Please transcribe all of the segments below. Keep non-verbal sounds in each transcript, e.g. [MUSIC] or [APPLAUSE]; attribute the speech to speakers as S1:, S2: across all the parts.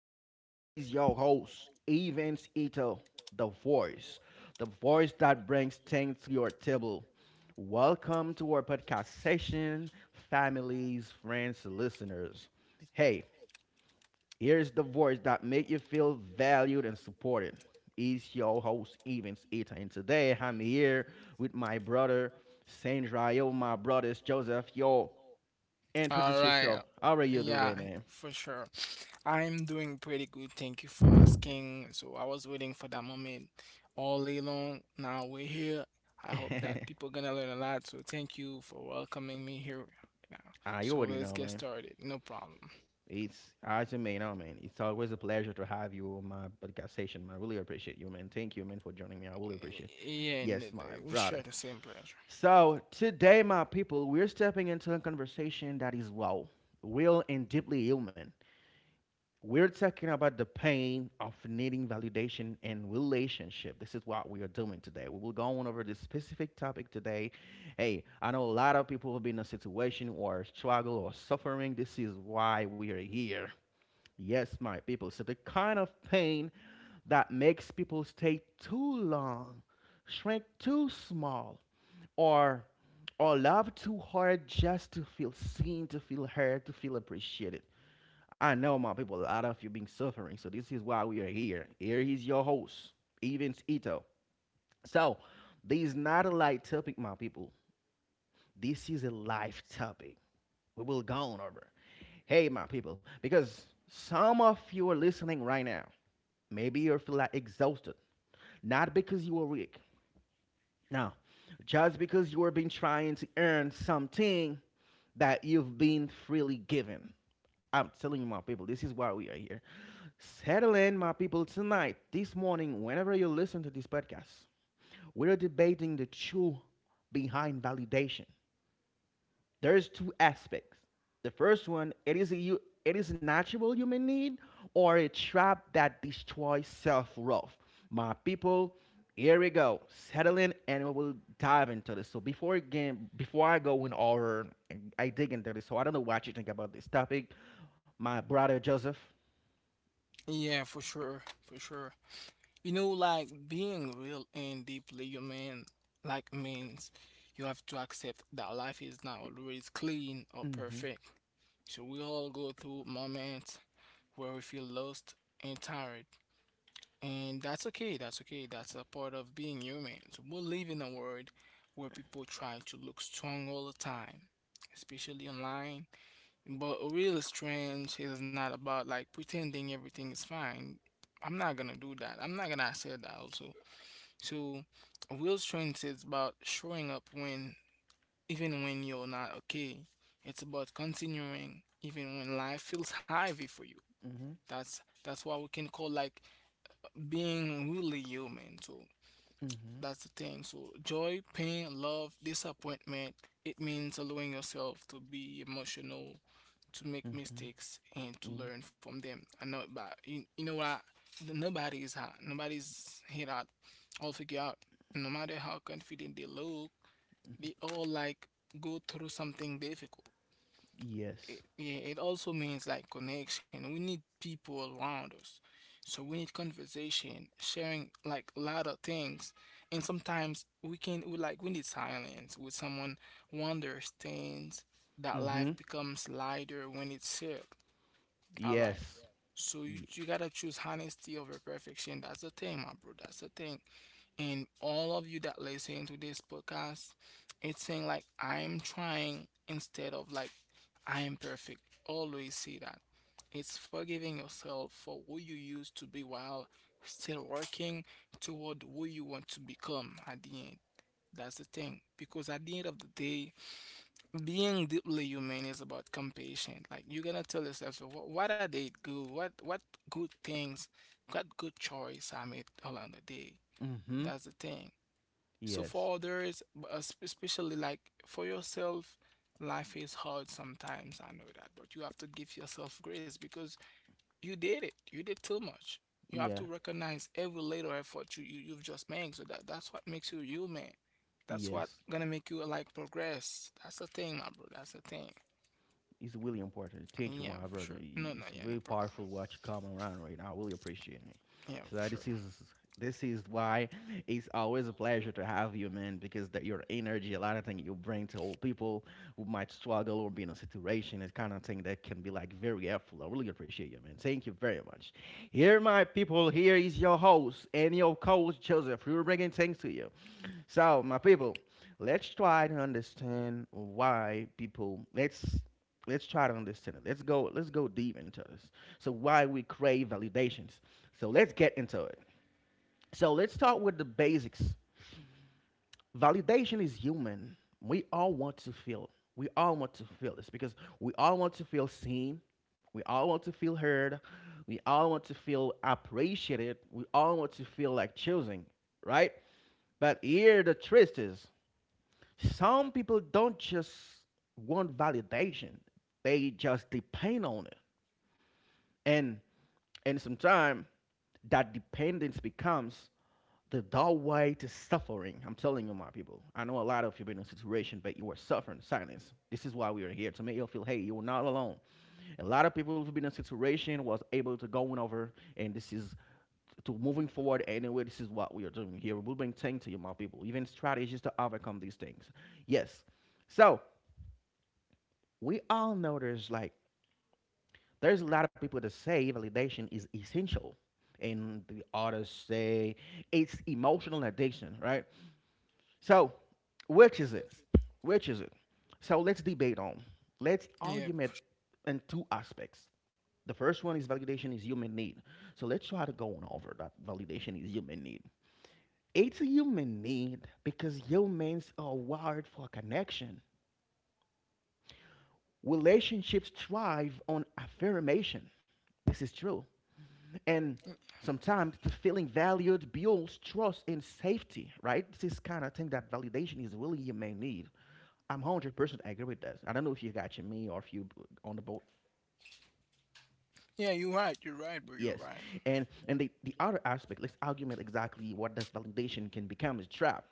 S1: here he's your host, Evans Ito, the voice, the voice that brings things to your table. Welcome to our podcast session, families, friends, listeners. Hey, here's the voice that make you feel valued and supported. It's your host, Evans Ito, and today I'm here with my brother, Sandra. Sandrael, my brothers, Joseph. Yo,
S2: All
S1: introduce yourself.
S2: right.
S1: How are you
S2: Yeah,
S1: today, man?
S2: for sure. I'm doing pretty good. Thank you for asking. So I was waiting for that moment all day long. Now we're here. I hope that
S1: [LAUGHS]
S2: people gonna learn a lot. So thank you for welcoming me here now.
S1: Ah, you
S2: So
S1: already
S2: let's
S1: know,
S2: get
S1: man.
S2: started. No problem.
S1: It's as you may know, man. It's always a pleasure to have you on my podcast station, man. I really appreciate you, man. Thank you, man, for joining me. I really appreciate.
S2: Yeah, and
S1: Yes, my
S2: we share
S1: brother.
S2: the same pleasure.
S1: So today, my people, we're stepping into a conversation that is raw, real and deeply human. We're talking about the pain of needing validation and relationship. This is what we are doing today. We will go on over this specific topic today. Hey, I know a lot of people have been in a situation or struggle or suffering. This is why we are here. Yes, my people. So the kind of pain that makes people stay too long, shrink too small, or or love too hard just to feel seen, to feel heard, to feel appreciated. I know, my people, a lot of you been suffering, so this is why we are here. Here is your host, Evans Ito. So, this is not a light topic, my people. This is a life topic. We will go on over. Hey, my people, because some of you are listening right now. Maybe you feel like exhausted, not because you are weak. No, just because you are been trying to earn something that you've been freely given. I'm telling you, my people, this is why we are here. Settle in, my people, tonight, this morning, whenever you listen to this podcast, we are debating the truth behind validation. There's two aspects. The first one, it is a natural human need or a trap that destroys self-worth. My people, here we go. Settle in and we will dive into this. So before again, before I go in or I dig into this, so I don't know what you think about this topic. My brother Joseph.
S2: Yeah, for sure. You know, like being real and deeply human, like means you have to accept that life is not always clean or
S1: Mm-hmm.
S2: perfect. So we all go through moments where we feel lost and tired. And that's okay. That's a part of being human. So we live in a world where people try to look strong all the time, especially online. But real strange is not about like pretending everything is fine. I'm not gonna do that. I'm not gonna say that also. So, real strength is about showing up even when you're not okay. It's about continuing even when life feels heavy for you.
S1: Mm-hmm.
S2: That's what we can call like being really human. So
S1: Mm-hmm.
S2: that's the thing. So, joy, pain, love, disappointment, it means allowing yourself to be emotional, to make
S1: Mm-hmm.
S2: mistakes, and to
S1: Mm,
S2: learn from them. I know, but you know what? Nobody is hot. Nobody's here that all figure out. No matter how confident they look, they all like go through something difficult it,
S1: yes.
S2: yeah, it also means like connection. We need people around us. So we need conversation, sharing like a lot of things. And sometimes we can we like we need silence with someone who understands that
S1: Mm-hmm.
S2: life becomes lighter when it's shared. All right.
S1: Yes.
S2: So
S1: Ye-
S2: you gotta choose honesty over perfection. That's the thing, my bro. That's the thing and all of you that listen to this podcast, it's saying like I'm trying instead of like I am perfect. Always see that. It's forgiving yourself for who you used to be while still working toward who you want to become at the end. That's the thing. Because at the end of the day, being deeply human is about compassion. Like you're gonna tell yourself, what are they good? What good things? What good choice I made along the day?
S1: mm-hmm.
S2: That's the thing. So
S1: Yes.
S2: for others, especially like for yourself, life is hard sometimes. I know that, but you have to give yourself grace because you did it. You did too much. You have to
S1: Yeah.
S2: recognize every little effort you've just made. So that's what makes you human. That's what
S1: Yes.
S2: gonna make you like progress. That's the thing, my bro. That's the thing.
S1: It's really important. Thank you,
S2: Yeah,
S1: my
S2: for
S1: brother.
S2: sure. No, no,
S1: It's
S2: yeah, no
S1: very
S2: problem.
S1: powerful what you come around right now. I really appreciate it.
S2: Yeah,
S1: So
S2: for sure.
S1: this is why it's always a pleasure to have you, man, because that your energy, a lot of things you bring to old people who might struggle or be in a situation, it's kind of thing that can be like very helpful. I really appreciate you, man. Thank you very much. Here, my people, here is your host and your coach, Joseph. We're bringing things to you. So, my people, let's try to understand why people. Let's try to understand it. Let's go. Let's go deep into this. So, why we crave validations. So, let's get into it. So, let's start with the basics. Validation is human. We all want to feel. We all want to feel this because we all want to feel seen. We all want to feel heard. We all want to feel appreciated. We all want to feel like choosing, right? But here the twist is, some people don't just want validation, they just depend on it, and and sometimes that dependence becomes the doorway to suffering. I'm telling you, my people, I know a lot of you have been in a situation, but you are suffering silence. This is why we are here to make you feel, hey, you're not alone. A lot of people who've been in a situation was able to go going over, and this is to moving forward anyway. This is what we are doing here. We'll bring things to you, my people, even strategies to overcome these things. Yes. So we all know, there's like there's a lot of people that say validation is essential, and the others say it's emotional addiction, right? So which is it? Which is it? So let's debate on, let's
S2: Yeah,
S1: argument in two aspects. The first one is, validation is human need. So let's try to go on over that. Validation is human need. It's a human need because humans are wired for connection. Relationships thrive on affirmation. This is true. And sometimes the feeling valued builds trust and safety, right? This is kind of thing that validation is really your main need. I'm 100% agree with that. I don't know if you got me or if you on the boat.
S2: yeah, you're right. You're right, bro. You're
S1: Yes.
S2: right.
S1: And the other aspect, let's argument exactly what does validation can become is trap.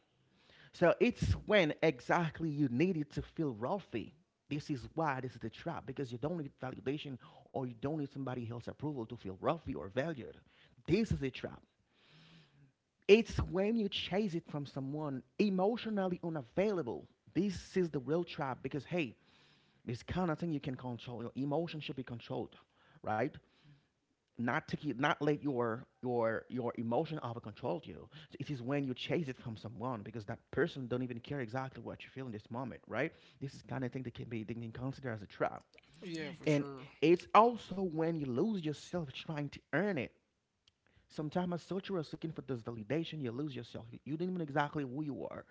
S1: So it's when exactly you need it to feel wealthy. This is why this is the trap because you don't need validation or you don't need somebody else's approval to feel wealthy or valued. This is a trap. It's when you chase it from someone emotionally unavailable. This is the real trap because hey, it's kind of thing you can control. Your emotion should be controlled, right? Not to keep, not let your emotion overcontrol you. It is when you chase it from someone because that person don't even care exactly what you feel in this moment, right? This is kind of thing that can be they can consider as a trap.
S2: Yeah, for
S1: And
S2: sure.
S1: it's also when you lose yourself trying to earn it. Sometimes as such you are seeking for this validation, you lose yourself. You don't even know exactly who you are.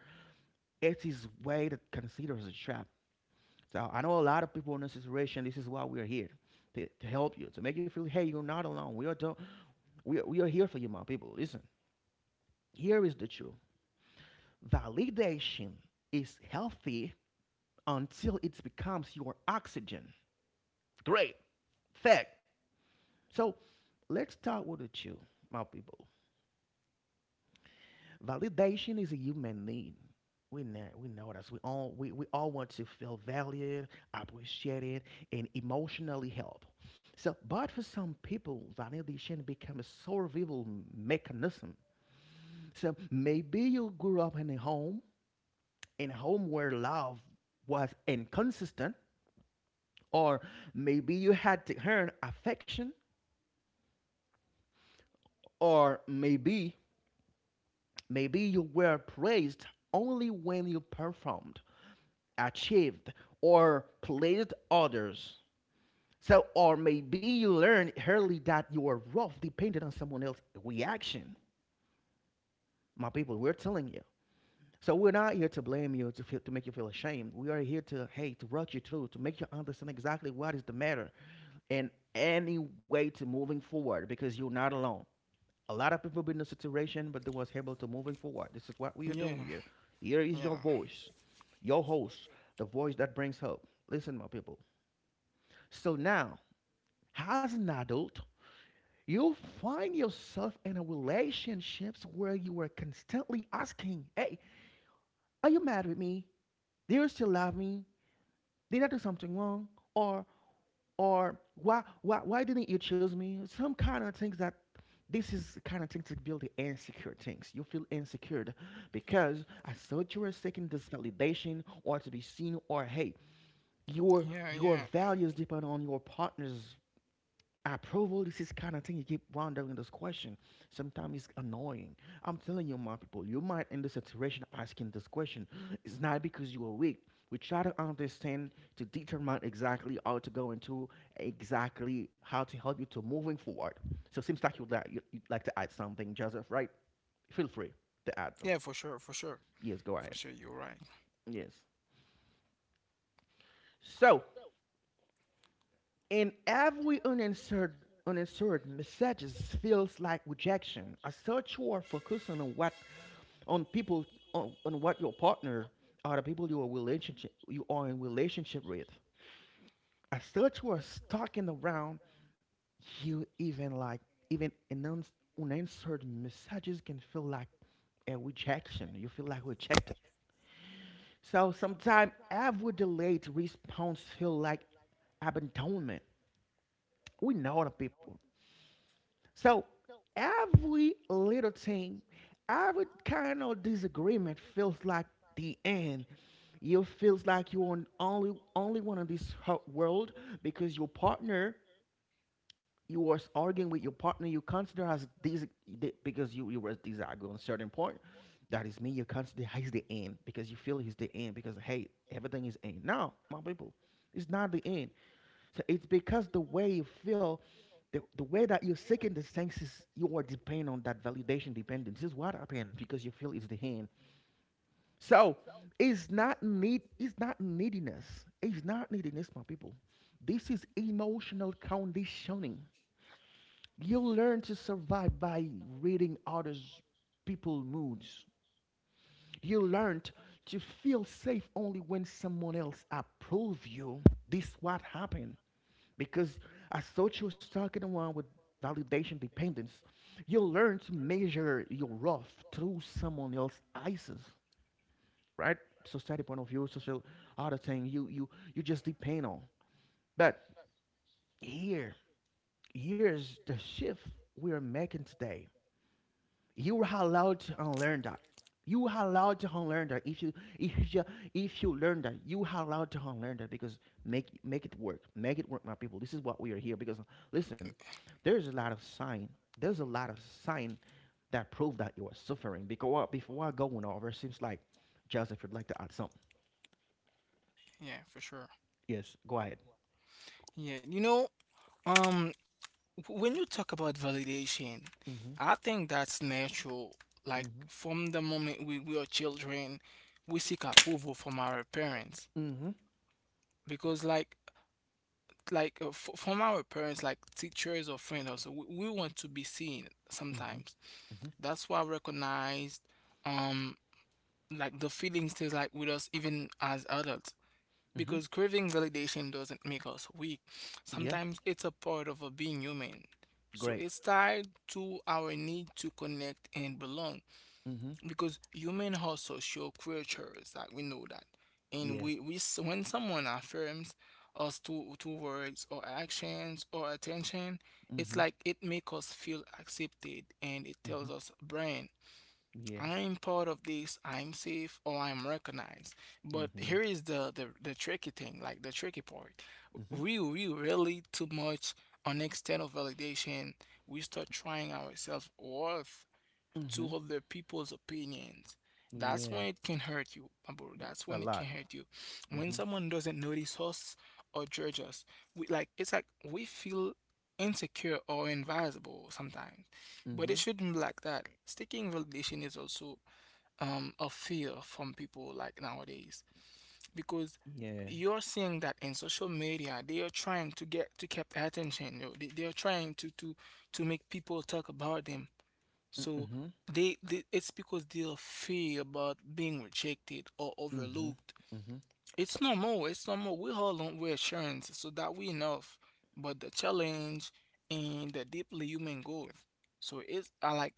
S1: It is way that considered as a trap. So I know a lot of people in this situation, this is why we're here. To help you, to make you feel, hey, you're not alone. We are do we are here for you, my people. Listen, here is the truth. Validation is healthy until it becomes your oxygen. Great. Fact. So let's start with the truth, my people. Validation is a human need. We know that we all want to feel valued, appreciated, and emotionally helped. So, but for some people, validation becomes a survival mechanism. So maybe you grew up in a home where love was inconsistent, or maybe you had to earn affection, or maybe you were praised only when you performed, achieved, or pleased others. So, or maybe you learned early that your worth depended on someone else's reaction. My people, we're telling you. So we're not here to blame you to feel, to make you feel ashamed. We are here to hey to walk you through to make you understand exactly what is the matter, in any way to moving forward, because you're not alone. A lot of people been in a situation, but they was able to moving forward. This is what we are doing
S2: Yeah,
S1: here. Here is your
S2: yeah,
S1: voice, your host, the voice that brings hope. Listen, my people. So now, as an adult, you find yourself in a relationships where you are constantly asking, "Hey, are you mad with me? Do you still love me? Did I do something wrong? Or or why didn't you choose me?" Some kind of things that this is kind of thing to build the insecure things. You feel insecure because I thought you were seeking this validation or to be seen or hey, your
S2: yeah,
S1: your
S2: yeah.
S1: values depend on your partner's approval. This is kind of thing you keep wondering this question. Sometimes it's annoying. I'm telling you, my people, you might in the situation asking this question. It's not because you are weak. We try to understand, to determine exactly how to go into, exactly how to help you to moving forward. So it seems like you'd like to add something, Joseph, right? Feel free to add them.
S2: Yeah, for sure.
S1: Yes, go ahead.
S2: For sure, you're right.
S1: Yes. So in every unanswered messages feels like rejection. As such, you are focusing on what, on people, on what your partner are, the people you are relationship, you are in relationship with. As such, you are stuck in the round. You even like even announce unanswered messages can feel like a rejection. You feel like rejected. So sometimes every delayed response feel like abandonment. We know the people. So every little thing, every kind of disagreement feels like the end. You feels like you're on only one on this world because your partner, you was arguing with your partner, you consider as this because you were disagree on a certain point. That is me. You consider hey, he's the end because you feel he's the end because hey everything is end. No, my people, it's not the end. So it's because the way you feel, the way that you're seeking the senses, you are dependent on that validation dependence. This is what happens because you feel it's the end. So it's not neediness. It's not neediness, my people. This is emotional conditioning. You learn to survive by reading others people moods. You learned to feel safe only when someone else approves you. This what happened. Because as such was talking around with validation dependence, you learn to measure your worth through someone else's eyes, right? Society point of view, social other thing. You just depend on. But here, here's the shift we are making today. You are allowed to unlearn that. You are allowed to unlearn that. If you if you learn that, you are allowed to unlearn that because make it work. Make it work, my people. This is what we are here because listen, there's a lot of sign. There's a lot of sign that prove that you are suffering. Because before I go on over, it seems like Joseph would like to add something.
S2: Yeah, for sure.
S1: Yes, go ahead.
S2: Yeah, you know, um, when you talk about validation,
S1: hmm
S2: I think that's natural. Like
S1: Mm-hmm.
S2: from the moment we are children, we seek approval from our parents
S1: Mm-hmm.
S2: because, like f from our parents, like teachers or friends, also we want to be seen
S1: Mm-hmm.
S2: sometimes.
S1: Mm-hmm.
S2: That's why I recognized, um, like the feeling stays like with us even as adults.
S1: Mm-hmm.
S2: Because craving validation doesn't make us weak.
S1: Yeah.
S2: Sometimes it's a part of a being human. So
S1: Great.
S2: it's tied to our need to connect and belong.
S1: Mm-hmm.
S2: Because human are social creatures that we know that. And
S1: Yeah.
S2: when someone affirms us to words or actions or attention, it's
S1: Mm-hmm.
S2: like it makes us feel accepted and it
S1: Mm-hmm.
S2: tells us brain
S1: Yeah.
S2: I'm part of this, I'm safe, or I'm recognized. But
S1: Mm-hmm.
S2: here is the tricky thing, like the tricky part.
S1: Mm-hmm.
S2: We really too much on external validation. We start trying ourselves worth to
S1: Mm-hmm.
S2: other people's opinions. That's when
S1: Yeah.
S2: it can hurt you, my bro.
S1: Y-
S2: That's
S1: A
S2: when it can
S1: lot.
S2: hurt you. When
S1: Mm-hmm.
S2: someone doesn't notice us or judge us, we like it's like we feel insecure or invisible sometimes. But
S1: Mm-hmm.
S2: it shouldn't be like that. Sticking validation is also a fear from people like nowadays because
S1: Yeah.
S2: you're seeing that in social media they are trying to get to keep attention. You know, they are trying to to make people talk about them so
S1: Mm-hmm.
S2: they it's because they are fear about being rejected or
S1: Mm-hmm.
S2: overlooked.
S1: Mm-hmm.
S2: It's normal. It's normal. We all want reassurance so that we enough. But the challenge and the deeply human growth. So it's I like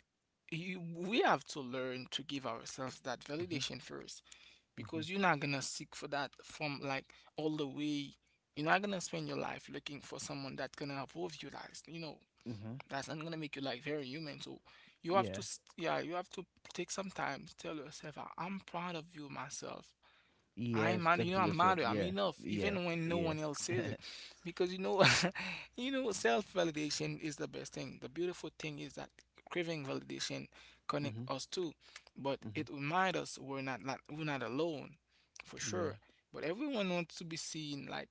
S2: you we have to learn to give ourselves that
S1: Mm-hmm.
S2: validation first
S1: Mm-hmm.
S2: because you're not gonna seek for that from like all the way. You're not gonna spend your life looking for someone that's gonna approve you like you know.
S1: Mm-hmm.
S2: That's not gonna make you like very human. So you have
S1: Yeah.
S2: to, yeah, you have to take some time to tell yourself, I'm proud of you myself.
S1: Yeah.
S2: I matter,
S1: Stick
S2: you
S1: to
S2: know, I am
S1: yourself.
S2: mad. I'm
S1: Yeah.
S2: enough,
S1: Yeah.
S2: even when no
S1: Yeah.
S2: one else says it, because you know, [LAUGHS] you know, self-validation is the best thing. The beautiful thing is that craving validation connect
S1: Mm-hmm.
S2: us too, but
S1: Mm-hmm.
S2: it reminds us we're not, not we're not alone, for
S1: Yeah.
S2: sure. But everyone wants to be seen like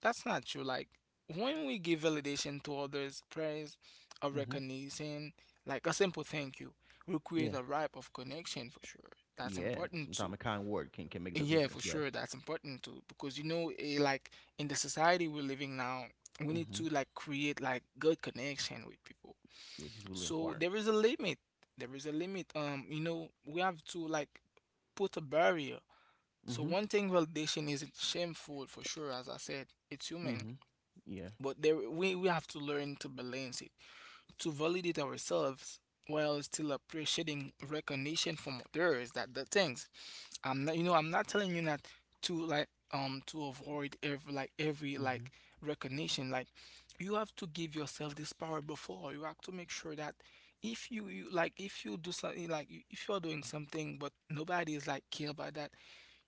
S2: that's not true. Like when we give validation to others, praise or
S1: Mm-hmm.
S2: recognition, like a simple thank you, we create
S1: Yeah.
S2: a ripe of connection for sure. That's
S1: Yeah.
S2: important
S1: Sometimes a
S2: too.
S1: kind word can make the
S2: Yeah, for
S1: difference. Yes.
S2: sure, that's important too. Because you know, eh, like in the society we're living now, we need
S1: Mm-hmm.
S2: to like create like good connection with people.
S1: Yes. It's really
S2: So
S1: important.
S2: there is a limit. There is a limit. You know, we have to like put a barrier. So
S1: Mm-hmm.
S2: one thing validation isn't shameful for sure, as I said, it's human
S1: Mm-hmm. Yeah.
S2: but there we have to learn to balance it to validate ourselves while still appreciating recognition from others that the things I'm not you know I'm not telling you not to like to avoid every
S1: Mm-hmm.
S2: like recognition like you have to give yourself this power before you have to make sure that if you like if you do something like if you're doing something but nobody is like care about that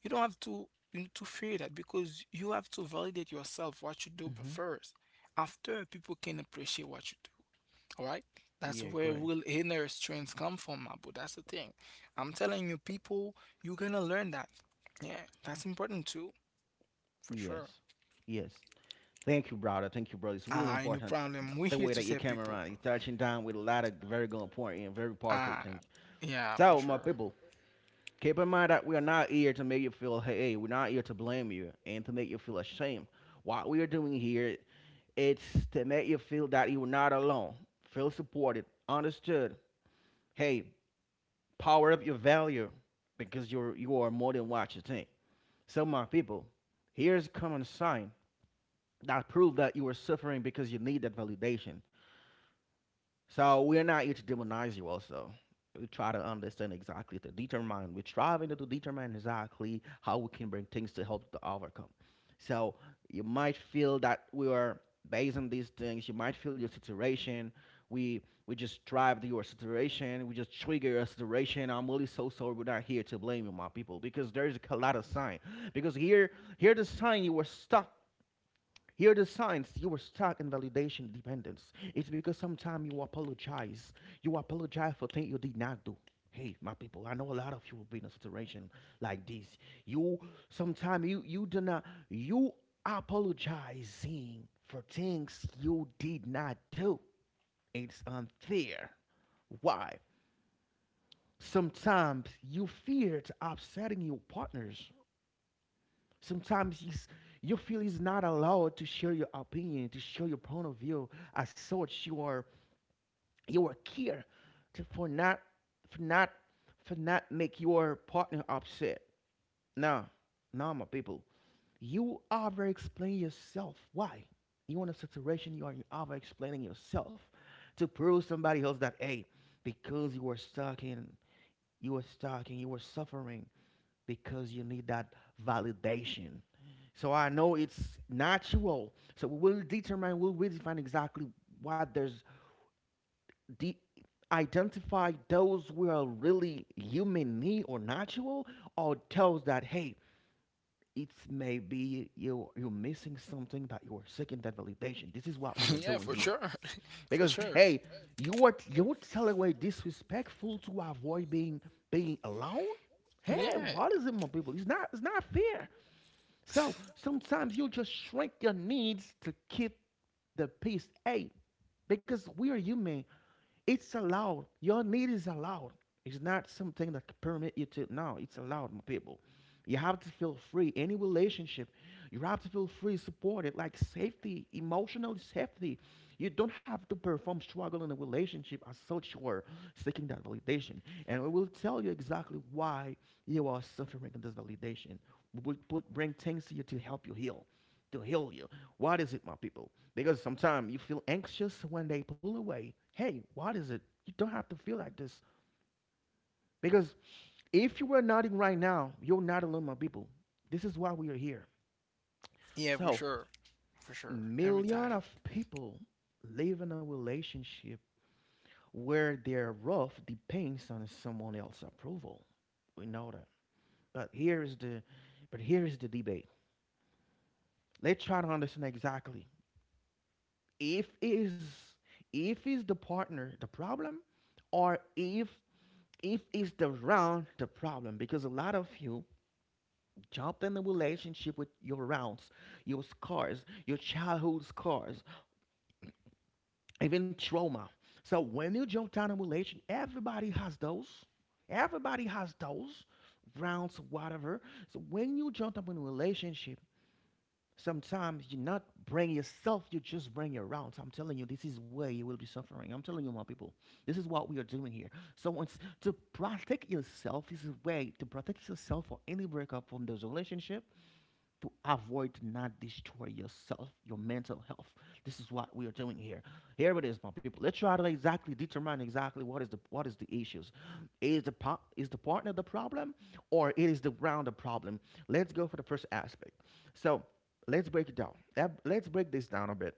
S2: you don't have to you to fear that because you have to validate yourself what you do
S1: Mm-hmm.
S2: first after people can appreciate what you do all right? That's
S1: Yeah,
S2: where
S1: great.
S2: real inner strength come from, Abu. That's the thing. I'm telling you, people, you're gonna learn that. Yeah, that's important too, for
S1: Yes.
S2: sure.
S1: Yes. Thank you, brother. Thank you, brother. It's really
S2: Ah, no
S1: important
S2: problem. We're
S1: the
S2: here
S1: way
S2: to
S1: that you
S2: save
S1: came
S2: people,
S1: around.
S2: bro.
S1: You're touching down with a lot of very good point and very powerful
S2: Ah,
S1: things.
S2: yeah, for
S1: So, my
S2: sure.
S1: people, keep in mind that we are not here to make you feel, hey, we're not here to blame you and to make you feel ashamed. What we are doing here, it's to make you feel that you're not alone. Feel supported, understood. Hey, power up your value because you are more than what you think. So, my people, here's a common sign that prove that you are suffering because you need that validation. So we are not here to demonize you also. We try to understand exactly to determine. We're striving to determine exactly how we can bring things to help to overcome. So you might feel that we are based on these things. You might feel your situation. We we just drive to your situation. We just trigger your situation. I'm really so sorry. We're not here to blame you, my people, because there is a lot of sign. Because here the sign you were stuck, here are the signs you were stuck in validation dependence. It's because sometimes you apologize. You apologize for things you did not do. Hey, my people, I know a lot of you will be in a situation like this. You sometimes you you do not you apologizing for things you did not do. It's unfair. Why? Sometimes you fear upsetting your partners. Sometimes you feel it's not allowed to share your opinion, to share your point of view. As such, you are care to, for not for not make your partner upset. Nah, nah, my people, you over explain yourself. Why? You in a situation you are over explaining yourself to prove somebody else that hey, because you were stuck in, you were suffering because you need that validation. So I know it's natural. So we will determine, we'll really find exactly what there's de- identify those who are really human need or natural, or those that hey, it's maybe you're missing something that you're seeking that validation. This is what
S2: [LAUGHS]
S1: we are
S2: yeah,
S1: doing
S2: for
S1: here
S2: sure. [LAUGHS] for
S1: because
S2: sure.
S1: hey, you're telling way disrespectful to avoid being alone. Hey,
S2: Yeah,
S1: what is it, my people? It's not fair. So sometimes you just shrink your needs to keep the peace. Hey, because we are human it's allowed. Your need is allowed. It's not something that permit you to. No, it's allowed, my people. You have to feel free. Any relationship, you have to feel free, supported, like safety, emotional safety. You don't have to perform struggle in a relationship as such or seeking that validation. And we will tell you exactly why you are suffering in this validation. We will put, bring things to you to help you heal, to heal you. What is it, my people? Because sometimes you feel anxious when they pull away. Hey, what is it? You don't have to feel like this. Because if you were nodding right now, you're not alone, my people. This is why we are here.
S2: yeah, for
S1: So,
S2: sure. For sure. Every
S1: million
S2: time.
S1: of people live in a relationship where their rough depends on someone else's approval. We know that. But here is the but here is the debate. Let's try to understand exactly if is if is the partner the problem, or if is the round the problem, because a lot of you jump in the relationship with your rounds, your scars, your childhood scars, even trauma. So when you jump down in a relationship, everybody has those, everybody has those rounds whatever. So when you jump up in a relationship, sometimes you not bring yourself, you just bring your rounds. I'm telling you, this is where you will be suffering. I'm telling you, my people, this is what we are doing here. So it's to protect yourself. This is a way to protect yourself for any breakup from those relationship to avoid not destroy yourself, your mental health. This is what we are doing here. Here it is, my people. Let's try to exactly determine exactly what is the issues. Is the partner the problem, or it is the ground the problem? Let's go for the first aspect. So let's break it down. Let's break this down a bit.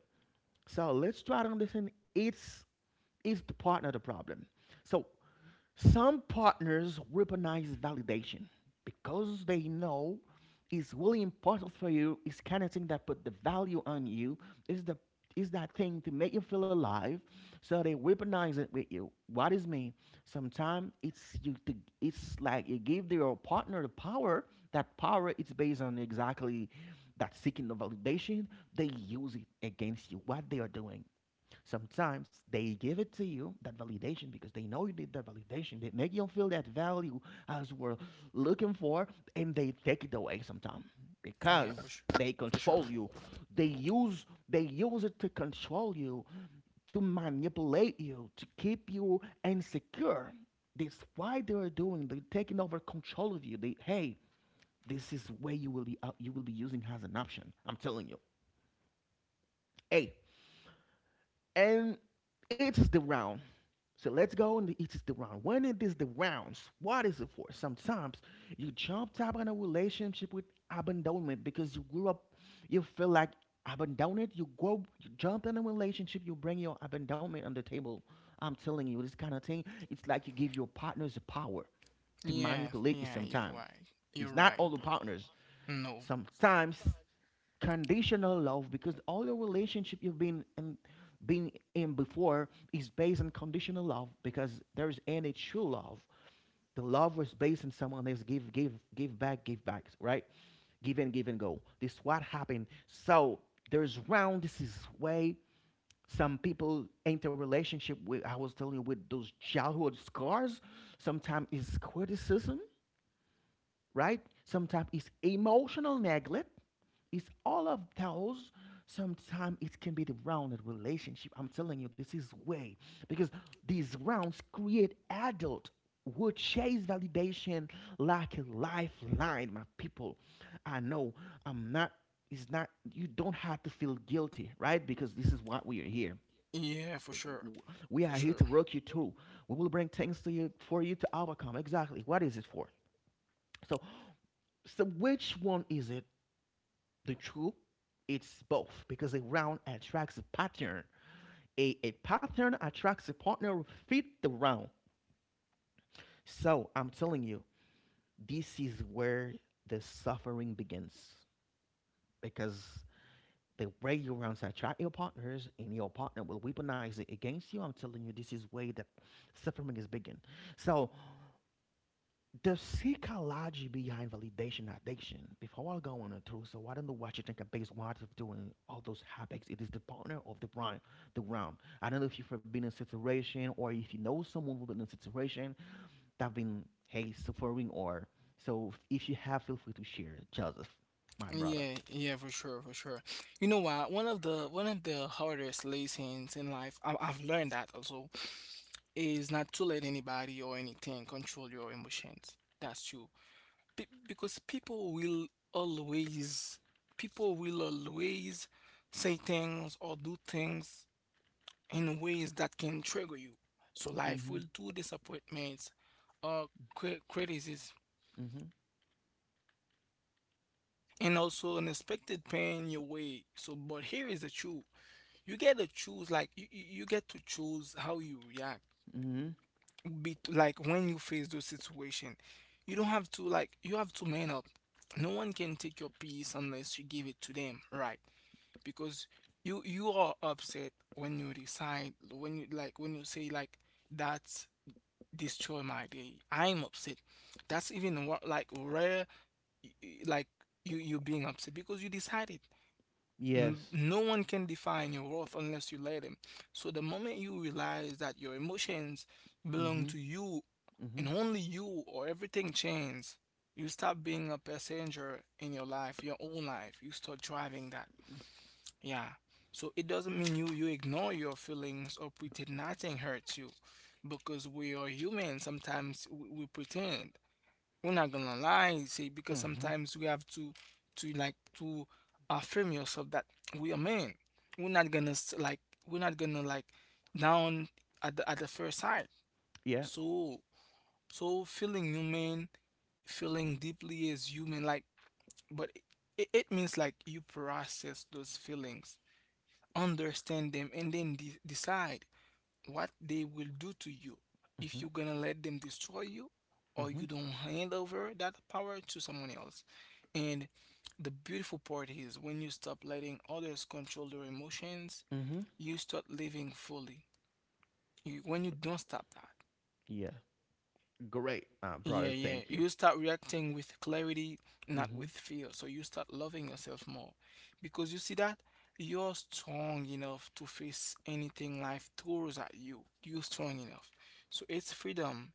S1: So let's try to understand it's is the partner the problem. So some partners weaponize validation because they know it's really important for you, it's kind of thing that put the value on you, is the is that thing to make you feel alive. So they weaponize it with you. What is mean? Sometimes it's like you give your partner the power. That power is based on exactly that seeking the validation. They use it against you, what they are doing. Sometimes they give it to you, that validation, because they know you need that validation. They make you feel that value as we're looking for, and they take it away sometimes
S2: Yeah, for
S1: because
S2: sure.
S1: they
S2: For sure.
S1: control you. They use it to control you, to manipulate you, to keep you insecure. That's why they are doing. They're taking over control of you. They hey, this is where you will be out, you will be using as an option. I'm telling you. Hey, and it is the round. So let's go, and it is the round. When it is the rounds, what is it for? Sometimes you jumped up on a relationship with abandonment because you grew up, you feel like abandoned. You grow, you jump in a relationship, you bring your abandonment on the table. I'm telling you, this kind of thing, it's like you give your partners the power to
S2: Yeah,
S1: manipulate you
S2: yeah, you're
S1: sometimes.
S2: right. You're
S1: It's not
S2: right,
S1: all the
S2: bro.
S1: partners.
S2: No.
S1: Sometimes conditional love, because all your relationship you've been in before is based on conditional love, because there is any true love. The love was based on someone else give give back, give back right, give and give and go, this is what happened. So there's round, this is way some people enter relationship with, I was telling you, with those childhood scars. Sometimes it's criticism, right? Sometimes it's emotional neglect. It's all of those. Sometimes it can be the rounded relationship. I'm telling you, this is way because these rounds create adult who chase validation like a lifeline. My people, I know I'm not. It's not. You don't have to feel guilty, right? Because this is what we are here.
S2: Yeah, for sure.
S1: W- We
S2: For
S1: are here
S2: sure.
S1: to work you through. We will bring things to you for you to overcome. Exactly. What is it for? So which one is it? The true? It's both because a round attracts a pattern. A pattern attracts a partner who fit the round. So I'm telling you, this is where the suffering begins, because the way your rounds attract your partners and your partner will weaponize it against you. I'm telling you, this is where that suffering is begin. So the psychology behind validation addiction. Before I go on through, so I don't know what you think about what of doing all those habits. It is the partner of the brain, the ground. I don't know if you've been in a situation or if you know someone who's been in a situation that been hey suffering or so. If you have, feel free to share, Joseph, my brother.
S2: Yeah, for sure. You know what? One of the hardest lessons in life, I've learned that also, is not to let anybody or anything control your emotions. That's true. Be Because always, people will always say things or do things in ways that can trigger you. So life
S1: Mhm.
S2: will do disappointments or criticism
S1: Mhm.
S2: and also unexpected pain your way. So, but here is the truth: you get to choose, like you get to choose how you react.
S1: Mhm.
S2: Be like when you face those situation, you don't have to like you have to man up. No one can take your peace unless you give it to them, right? Because you are upset when you decide when you like when you say like that's destroy my day. I'm upset. That's even like rare, like you being upset because you decided
S1: Yes.
S2: No one can define your worth unless you let them. So the moment you realize that your emotions belong
S1: Mhm.
S2: to you
S1: Mhm.
S2: and only you, or everything changes, you stop being a passenger in your life, your own life. You start driving that. Yeah. So it doesn't mean you ignore your feelings or pretend nothing hurts you, because we are human. Sometimes we pretend we're not gonna lie say because
S1: Mhm.
S2: sometimes we have to like to affirm yourself that we are men we're not gonna like we're not gonna like down at at the first sight
S1: Yeah.
S2: so so feeling human feeling deeply as human like but it means like you process those feelings understand them and then decide what they will do to you
S1: Mhm.
S2: if you're gonna let them destroy you or
S1: Mhm.
S2: you don't hand over that power to someone else. And the beautiful part is when you stop letting others control your emotions,
S1: Mhm.
S2: you start living fully. You, when you don't stop that,
S1: Yeah. Great, uh,
S2: yeah,
S1: brother.
S2: yeah,
S1: Thank you.
S2: you start reacting with clarity, not with
S1: Mhm.
S2: fear. So you start loving yourself more because you see that you're strong enough to face anything life throws at you. You're strong enough. So it's freedom.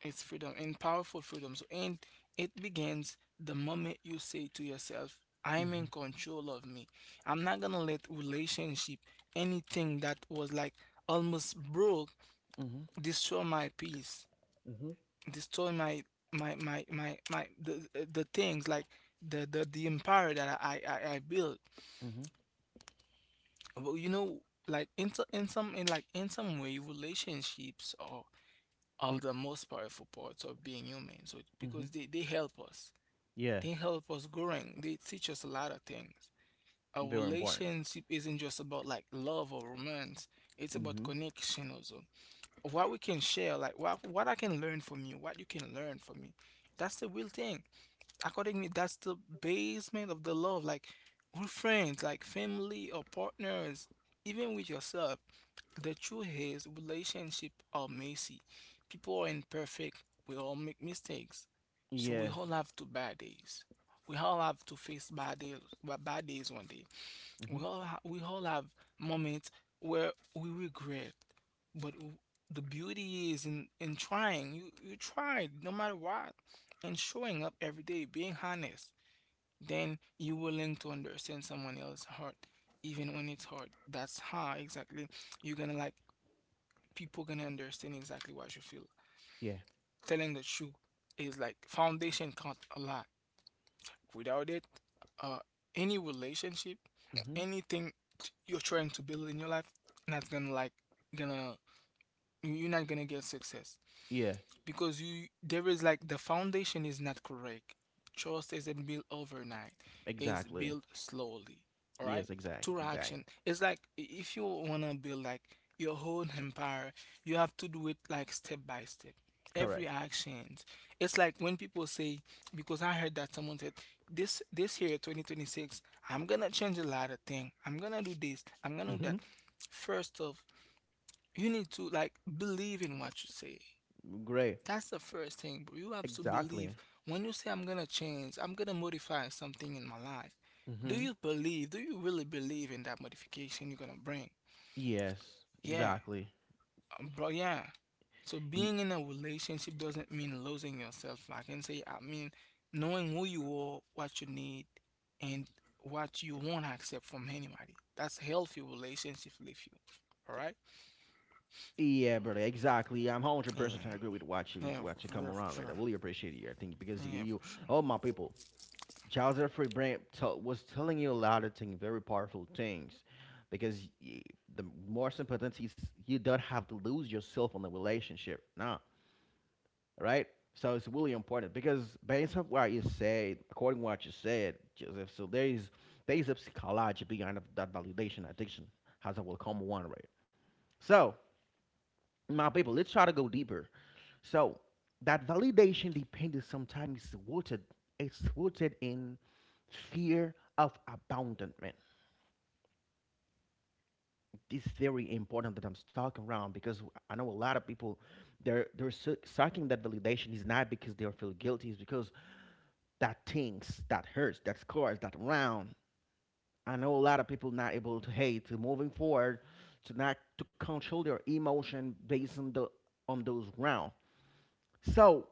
S2: It's freedom and powerful freedom. So, and it begins the moment you say to yourself, I'm
S1: Mhm.
S2: in control of me. I'm not gonna let relationship, anything that was like almost broke,
S1: Mhm.
S2: destroy my peace,
S1: Mhm.
S2: destroy my the things like the empire that I built.
S1: Mhm.
S2: But you know, like in so- in some in like in some way, relationships are the most powerful parts of being human. So
S1: Mhm.
S2: because they help us.
S1: Yeah,
S2: They help us growing. They teach us a lot of things. A
S1: very important.
S2: relationship isn't just about like love or romance. It's about
S1: Mhm.
S2: connection also. What we can share, like what I can learn from you, what you can learn from me. That's the real thing. According to me, that's the basement of the love. Like with friends, like family or partners, even with yourself. The truth is, relationships are messy. People are imperfect. We all make mistakes. So we
S1: Yes.
S2: all have two bad days. We all have to face bad days one day. We
S1: Mhm.
S2: all ha- we all have moments where we regret. But w- the beauty is in trying. You tried no matter what, and showing up every day, being honest. Then you will learn to understand someone else's heart, even when it's hard. That's how exactly you're gonna like people gonna understand exactly what you feel.
S1: Yeah.
S2: Telling the truth is like foundation counts a lot. Without it, uh, any relationship,
S1: Mhm.
S2: anything you're trying to build in your life, not gonna like gonna you're not gonna get success
S1: Yeah.
S2: because you there is like the foundation is not correct. Trust isn't built overnight. It's
S1: Exactly.
S2: built slowly. All right?
S1: Yes. Exact.
S2: Through
S1: Exact.
S2: action. It's like if you wanna build like your whole empire, you have to do it like step by step. Every
S1: Correct.
S2: actions. It's like when people say because I heard that someone said this year 2026 I'm gonna change a lot of things. I'm gonna do this. I'm gonna do that.
S1: Hmm.
S2: First off, you need to like believe in what you say.
S1: Great.
S2: That's the first thing, bro. You have to believe
S1: Exactly.
S2: when you say I'm gonna change, I'm gonna modify something in my life. Do
S1: Mhm.
S2: you believe? Do you really believe in that modification you're gonna bring?
S1: Yes.
S2: Yeah,
S1: Exactly.
S2: bro. Yeah. So
S1: Y-
S2: being in a relationship doesn't mean losing yourself. I can say I mean knowing who you are, what you need, and what you won't accept from anybody. That's healthy relationship with you. All right?
S1: yeah, brother. Exactly. I'm 100%
S2: Yeah.
S1: agree with what you
S2: Yeah,
S1: what you
S2: for
S1: come
S2: sure. For
S1: around with. I
S2: sure.
S1: really appreciate you. I think because you,
S2: Yeah,
S1: you
S2: for sure.
S1: all my people. Charles Jeffrey Brand tell was telling you a lot of things, very powerful things, because y- the more sympathies you don't have to lose yourself on the relationship, no, right? So it's really important because based on what you said, according to what you said, Joseph, so there is a psychology behind of that validation addiction, as I will come one right. So my people, let's try to go deeper. So that validation dependence sometimes is rooted. It's rooted in fear of abandonment. This is very important that I'm talking around because I know a lot of people seeking that validation is not because they feel guilty, it's because that things that hurts, that scars, that round. I know a lot of people not able to hey to moving forward, to not to control their emotion based on the on those round. So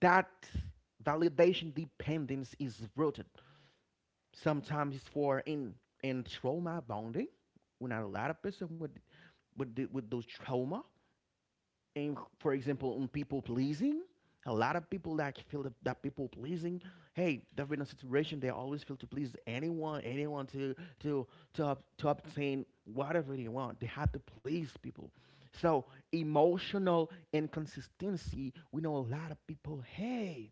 S1: that validation dependence is rooted sometimes for in trauma bonding. We when a lot of person with with those trauma and for example in people pleasing a lot of people that feel that people pleasing hey they've been in a situation they always feel to please anyone to to to obtain whatever they want they have to please people so emotional inconsistency we know a lot of people hey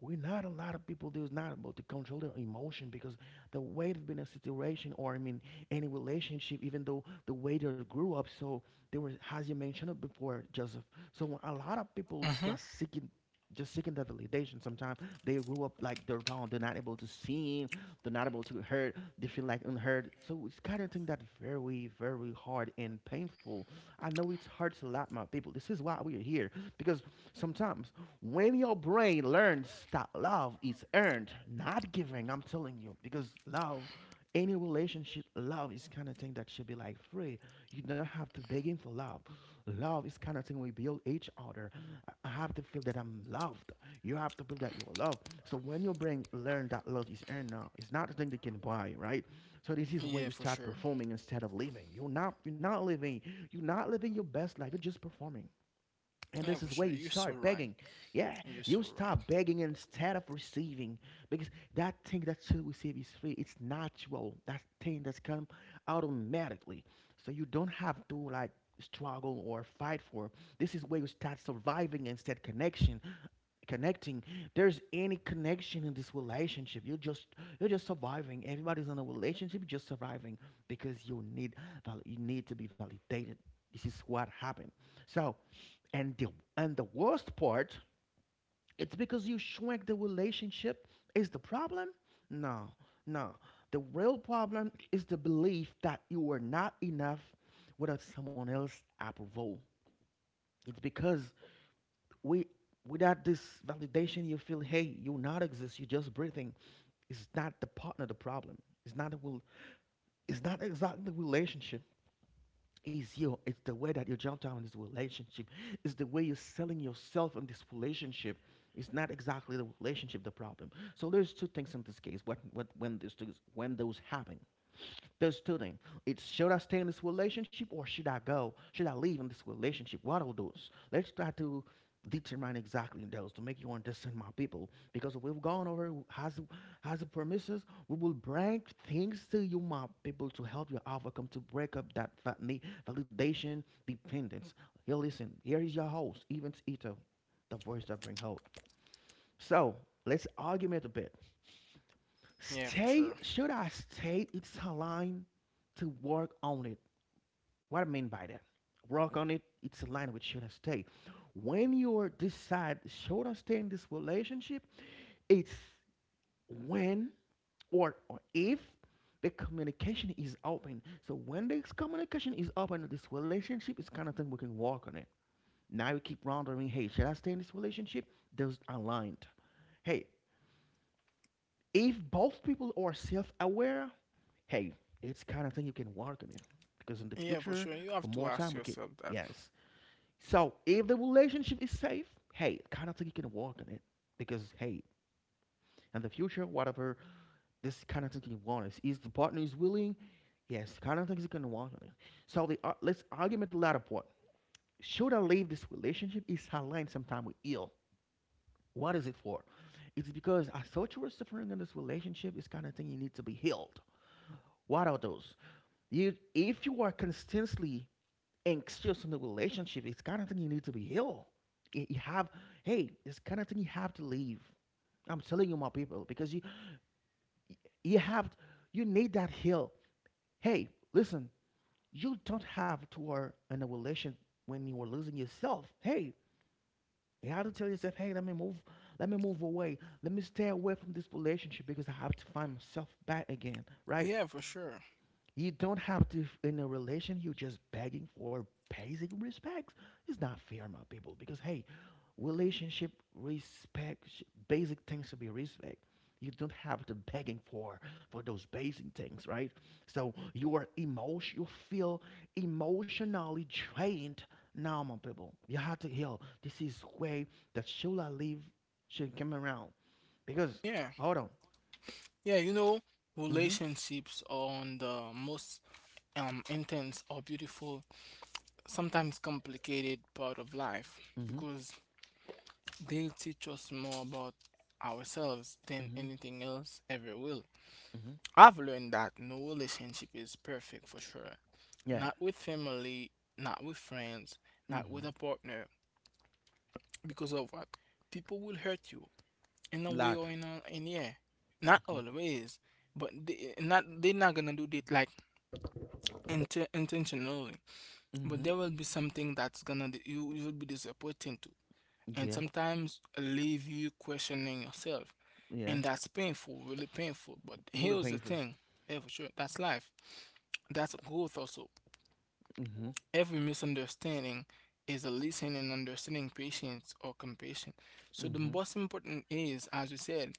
S1: we're not a lot of people who's not able to control their emotion because the way they've been in a situation or I mean any relationship, even though the way they grew up. So there was, as you mentioned it before, Joseph. So a lot of people
S2: Mhm.
S1: just seeking the validation. Sometimes they grew up like they're bound, they're not able to see, they're not able to hurt, they feel like unheard. So it's kind of thing that very, very hard and painful. I know it hurts a lot, my people. This is why we are here because sometimes when your brain learns that love is earned, not giving, I'm telling you, because love, any relationship, love is kind of thing that should be like free. You don't have to begging for love. Love is kind of thing we build each other. I have to feel that I'm loved. You have to feel that you're loved. So when your brain learn that love is earned now, it's not a thing they can buy, right? So this is where
S2: Yeah,
S1: you
S2: for
S1: start
S2: sure.
S1: performing instead of living. You're not living. You're not living your best life. You're just performing. And
S2: Yeah,
S1: this
S2: for
S1: is where
S2: sure.
S1: you
S2: You're so
S1: start
S2: right.
S1: begging. Yeah,
S2: You're
S1: you
S2: so right.
S1: start begging instead of receiving because that thing that you receive is free. It's natural. That thing that's come automatically. So you don't have to like struggle or fight for. This is where you start surviving instead connection, connecting. There's any connection in this relationship. You're just surviving. Everybody's in a relationship, you're just surviving because you need you need to be validated. This is what happened. So and the and the worst part, it's because you shrink the relationship is the problem? No, no. The real problem is the belief that you are not enough without someone else's approval. It's because we without this validation you feel hey you not exist you're just breathing, it's not the partner the problem, it's not the will, it's not exactly the relationship. It's you. It's the way that you jumped out in this relationship. It's the way you're selling yourself in this relationship. It's not exactly the relationship the problem. So there's two things in this case. What when these two, when those happen, there's two things. It's should I stay in this relationship or should I go? Should I leave in this relationship? What are those? Let's try to determine exactly those to make you understand my people. Because we've gone over has the promises. We will bring things to you, my people, to help you overcome to break up that validation dependence. Here, listen. Here is your host, Evans Ito, the voice that brings hope. So let's argument a bit.
S2: Yeah, for
S1: Stay,
S2: sure.
S1: should I stay? It's a line to work on it. What I mean by that, work on it, it's a line with should I stay. When you decide, should I stay in this relationship? It's when or if the communication is open. So when this communication is open, this relationship is kind of thing we can work on it. Now you keep wondering, hey, should I stay in this relationship? Those are aligned. Hey, if both people are self-aware, hey, it's kind of thing you can work on it because in the
S2: Yeah, for
S1: future,
S2: sure. You
S1: for
S2: have to
S1: more time,
S2: ask
S1: we can,
S2: yourself that.
S1: yes. So if the relationship is safe, hey, kind of thing you can work on it because hey, in the future, whatever this kind of thing you want is the partner is willing, yes, kind of things you can work on it. So the let's argument the latter part. Should I leave this relationship? Is aligned sometime with ill. What is it for? It's because I thought you were suffering in this relationship. It's kind of thing you need to be healed. What are those? You, if you are constantly and still in the relationship, it's kind of thing you need to be healed. You have, hey, it's kind of thing you have to leave. I'm telling you, my people, because you have you need that heal. Hey, listen, you don't have to are in a relation when you are losing yourself. Hey, you have to tell yourself, hey, let me move away, let me stay away from this relationship because I have to find myself back again, right?
S2: Yeah, for sure.
S1: You don't have to in a relation. You're just begging for basic respects. It's not fair, my people. Because hey, relationship respect, basic things should be respect. You don't have to begging for those basic things, right? So you are emotion. You feel emotionally drained now, my people. You have to heal. This is way that Shula leave should come around. Because
S2: Yeah.
S1: hold on.
S2: Yeah, you know,
S1: Mhm.
S2: relationships are on the most intense or beautiful, sometimes complicated part of life
S1: Mhm.
S2: because they teach us more about ourselves than
S1: Mhm.
S2: anything else ever will.
S1: Mhm.
S2: I've learned that no relationship is perfect for sure.
S1: Yeah.
S2: Not with family, not with friends, not
S1: Mhm.
S2: with a partner. Because of what? People will hurt you in a way
S1: Lot.
S2: or in yeah. Not
S1: Mhm.
S2: always, but they're not gonna do it like intentionally. But
S1: Mhm.
S2: there will be something that's gonna you will be disappointed to, and
S1: Yeah.
S2: sometimes leave you questioning yourself,
S1: Yeah.
S2: and that's painful, really painful. But
S1: Really
S2: here's the
S1: painful.
S2: thing, yeah, for sure, that's life. That's growth also.
S1: Mhm.
S2: Every misunderstanding is a listening and understanding patience or compassion. So the
S1: Mhm.
S2: most important is, as you said,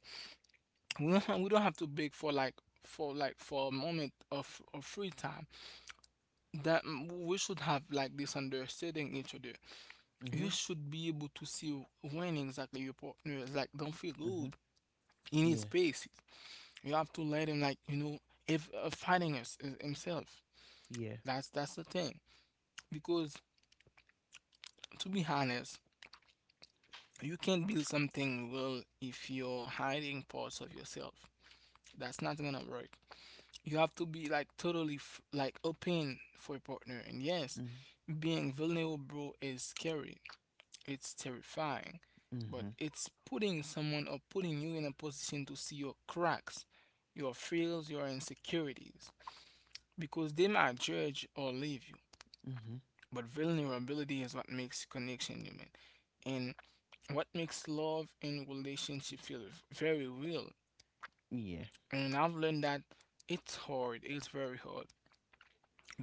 S2: we don't have to beg for like for a moment of free time that we should have like this understanding each other. You
S1: Mhm.
S2: should be able to see when exactly your partner is like don't feel good
S1: Mhm.
S2: in his
S1: Yeah.
S2: space. You have to let him like you know if fighting us is himself.
S1: Yeah.
S2: That's the thing because to be honest, you can't build something real if you're hiding parts of yourself. That's not gonna work. You have to be like totally f like open for a partner. And yes,
S1: Mhm.
S2: being vulnerable is scary. It's terrifying, but
S1: Mhm.
S2: it's putting someone or putting you in a position to see your cracks, your fears, your insecurities, because they might judge or leave you.
S1: Mhm.
S2: But vulnerability is what makes connection human and what makes love and relationship feel very real.
S1: Yeah.
S2: And I've learned that it's hard, it's very hard,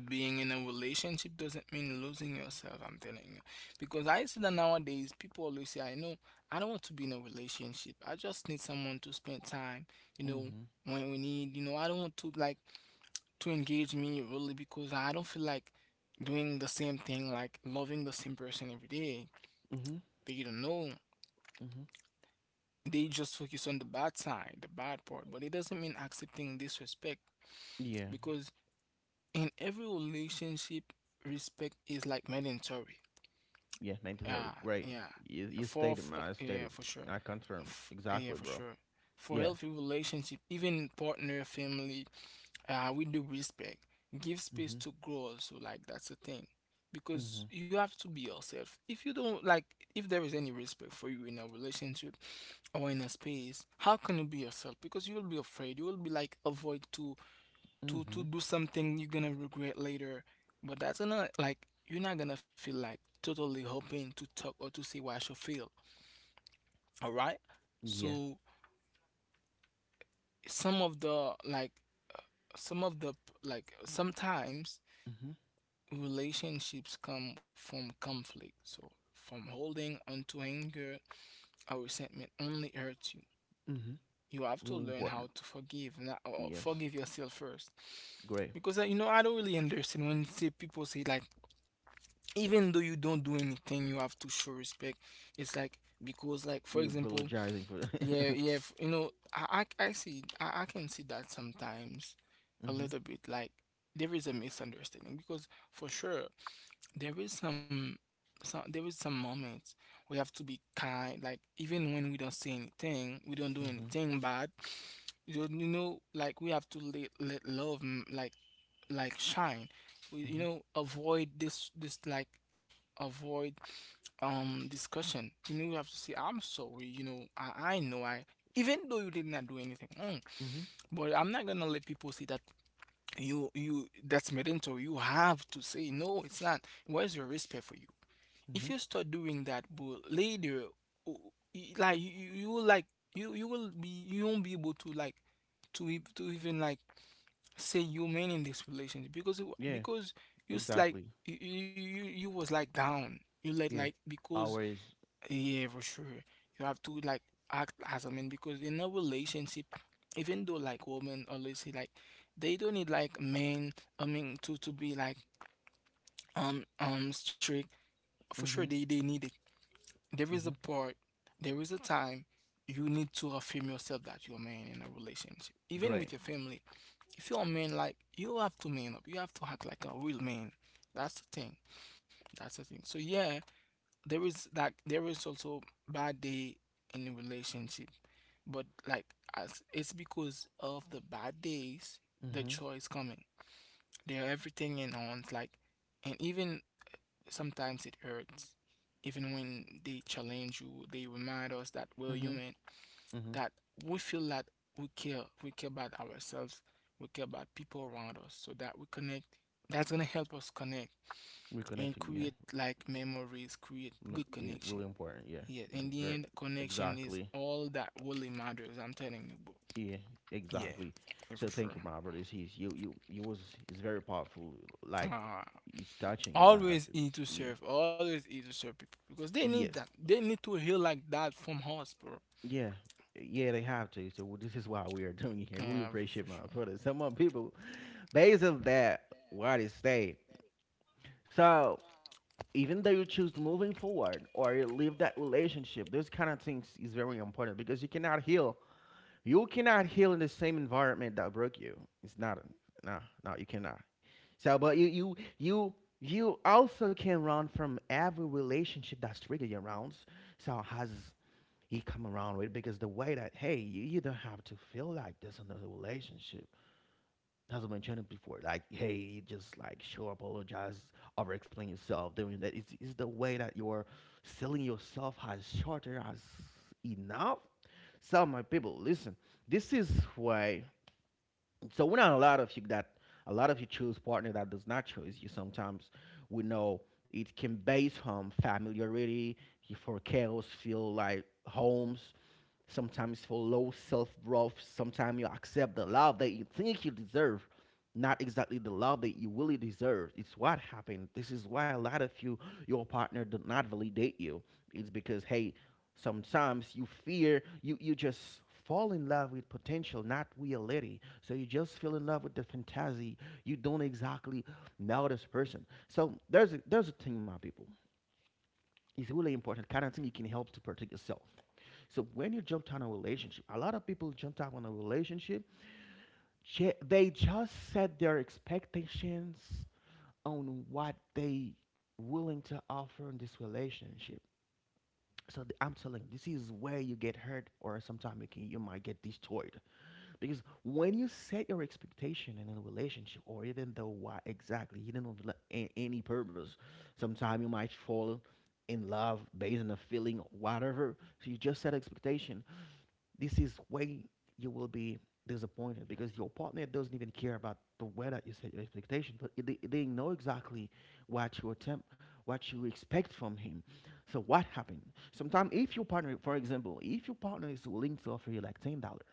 S2: being in a relationship doesn't mean losing yourself, I'm telling you. Because I see that nowadays people always say, I know I don't want to be in a relationship. I just need someone to spend time, you know,
S1: Mhm.
S2: when we need, you know, I don't want to like to engage me really because I don't feel like doing the same thing, like loving the same person every day.
S1: Mhm.
S2: They don't know.
S1: Mhm.
S2: They just focus on the bad side, the bad part. But it doesn't mean accepting disrespect
S1: Yeah.
S2: because in every relationship, respect is like mandatory.
S1: Yeah. Mandatory.
S2: Yeah,
S1: Great.
S2: yeah,
S1: You
S2: for
S1: stated,
S2: for
S1: my I
S2: yeah,
S1: stated.
S2: for sure,
S1: I confirm.
S2: Yeah,
S1: Exactly,
S2: for
S1: bro.
S2: sure. For
S1: Yeah.
S2: healthy relationship, even partner, family, we do respect. Give space
S1: Mhm.
S2: to grow also, like that's the thing,
S1: Mhm.
S2: because you have to be yourself. If you don't like, if there is any respect for you in a relationship or in a space, how can you be yourself? Because you will be afraid. You will be like avoid to to
S1: Mhm.
S2: do something you're gonna regret later. But that's not like you're not gonna feel like totally hoping to talk or to see what you feel. All right.
S1: Yeah.
S2: So some of the like uh, some of the like sometimes
S1: Mhm.
S2: relationships come from conflict. So from holding onto anger or resentment only hurts you.
S1: Mhm.
S2: You have to
S1: Really
S2: learn
S1: important.
S2: how to forgive, not, or
S1: Yes.
S2: forgive yourself first.
S1: Great.
S2: Because you know, I don't really understand when say people say like even though you don't do anything you have to show respect. It's like because like for
S1: Me
S2: example
S1: apologizing for.
S2: yeah
S1: [LAUGHS]
S2: yeah you know I see I can see that sometimes a
S1: Mhm.
S2: little bit like there is a misunderstanding because for sure there is some there is some moments we have to be kind like even when we don't say anything we don't do
S1: Mhm.
S2: anything bad. You know, you know, like we have to let, let love like shine. You
S1: Mhm.
S2: know, avoid this like avoid discussion. You know, you have to say I'm sorry. You know, I know I, even though you did not do anything wrong,
S1: Mhm.
S2: but I'm not gonna let people say that you that's mandatory. You have to say no. It's not where's your respect for you.
S1: Mhm.
S2: If you start doing that but later like you will like you will be you won't be able to like to to even like say you mean in this relationship because you
S1: Yeah.
S2: because like
S1: Exactly.
S2: you was like down you like
S1: Yeah.
S2: because
S1: Always.
S2: yeah for sure you have to like act as a man because in a relationship even though like women always say like they don't need like men. I mean to be like strict. For sure
S1: Mm-hmm.
S2: they need it. There is a
S1: Mm-hmm.
S2: part, there is a time you need to affirm yourself that you're a man in a relationship even
S1: Great.
S2: with your family. If you're a man, like you have to man up. You have to act like a real man. That's the thing. That's the thing. So yeah, there is like there is also bad day in a relationship, but like as it's because of the bad days, the
S1: Mm-hmm.
S2: joy is coming. They're everything in one's like, and even sometimes it hurts. Even when they challenge you, they remind us that we're
S1: Mm-hmm.
S2: human,
S1: Mm-hmm.
S2: that we feel that we care about ourselves, we care about people around us, so that we connect. That's gonna help us connect and
S1: Reconnecting, yeah.
S2: create like memories, create good
S1: Yeah,
S2: connection.
S1: really important, yeah.
S2: Yeah, in
S1: The
S2: the
S1: very
S2: end, connection is
S1: exactly.
S2: all that really matters. I'm telling you, bro.
S1: Yeah,
S2: Yeah,
S1: exactly.
S2: yeah, for
S1: So
S2: sure.
S1: thank you, my brothers. He's you was it's very powerful. Like
S2: Uh,
S1: it's touching a lot.
S2: always easy to
S1: Yeah.
S2: serve, always easy to serve people because they need
S1: Yeah.
S2: that. They need to heal like that from us, bro.
S1: Yeah. Yeah, they have to. So this is why we are doing it here. Really
S2: Yeah, for
S1: appreciate my
S2: sure.
S1: brothers. Some of people based on that, why they stay. So even though you choose to moving forward or leave that relationship, those kind of things is very important because you cannot heal. You cannot heal in the same environment that broke you. It's not no, no, you cannot. So but you you also can run from every relationship that's triggered your rounds. So has he come around with because the way that hey, you don't have to feel like this in the relationship as I mentioned before, like, hey, just like show apologize, over explain yourself, doing that is the way that you're selling yourself as shorter as enough. So, my people, listen, this is why. So, we're not a lot of you choose partner that does not choose you. Sometimes we know it can based on familiarity, you for chaos, feel like homes, sometimes for low self worth. Sometimes you accept the love that you think you deserve, not exactly the love that you really deserve. It's what happened. This is why a lot of you, your partner, did not validate you. It's because hey, sometimes you fear you just fall in love with potential, not reality. So you just feel in love with the fantasy. You don't exactly know this person. So there's a thing, my people is really important kind of thing you can help to protect yourself. So when you jump on a relationship, a lot of people jump on a relationship. They just set their expectations on what they willing to offer in this relationship. I'm telling you, this is where you get hurt, or sometimes you might get destroyed. Because when you set your expectation in a relationship, or even though why exactly you don't have any purpose, sometimes you might fall in love based on a feeling, or whatever. So you just set expectation. This is way you will be disappointed because your partner doesn't even care about the way that you set your expectation, but they know exactly what you attempt, what you expect from him. So what happened? Sometimes if your partner, for example, if your partner is willing to offer you like $10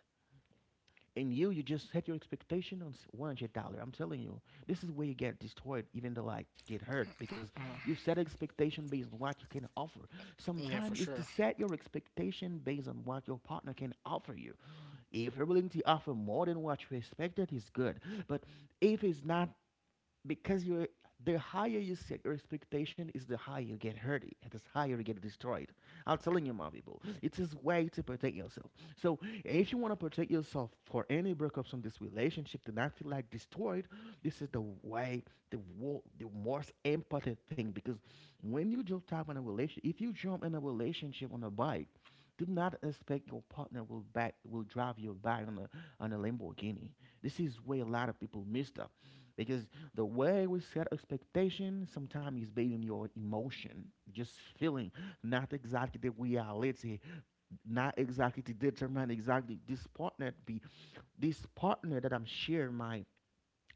S1: and you just set your expectation on $100. I'm telling you, this is where you get destroyed, even though like get hurt because
S2: Uh,
S1: you set expectation based on what you can offer.
S2: yeah, for
S1: Sometimes it's
S2: sure.
S1: to set your expectation based on what your partner can offer you. If you're willing to offer more than what you expected, is good. But if it's not because you the higher you set your expectation is the higher you get hurt. The higher you get destroyed. I'm telling you, my people, it is way to protect yourself. So if you want to protect yourself for any breakups from this relationship to not feel like destroyed, this is the way, the the most important thing. Because when you jump type in a relationship, if you jump in a relationship on a bike, do not expect your partner will back will drive you back on a Lamborghini. This is where a lot of people missed up because the way we set expectation sometimes is based on your emotion, just feeling, not exactly the reality, not exactly to determine exactly this partner be this partner that I'm sharing my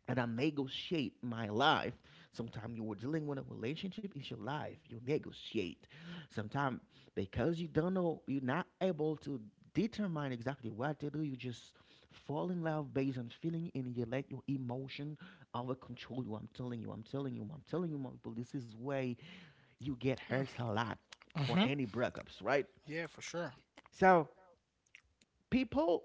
S1: and I negotiate my life. Sometimes you were dealing with a relationship, it's your life. You negotiate. Sometimes because you don't know, you're not able to determine exactly what to do, you just fall in love based on feeling and you let your emotion over control you. I'm telling you, I'm telling you, I'm telling you, my people, this is way you get hurt
S2: Mm,
S1: a lot for
S2: mm-hmm.
S1: any breakups, right?
S2: Yeah, for sure.
S1: So people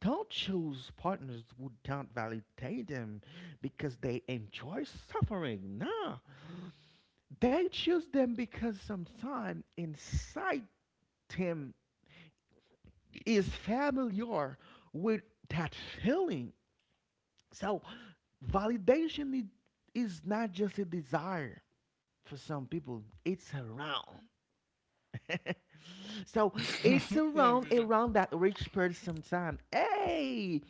S1: don't choose partners who don't validate them because they enjoy suffering. No, they choose them because sometime inside them is familiar with that feeling. So, validation i- is not just a desire for some people, it's around. [LAUGHS] So it's
S2: [LAUGHS] Yeah, for
S1: around
S2: sure.
S1: around that rich person time. Hey,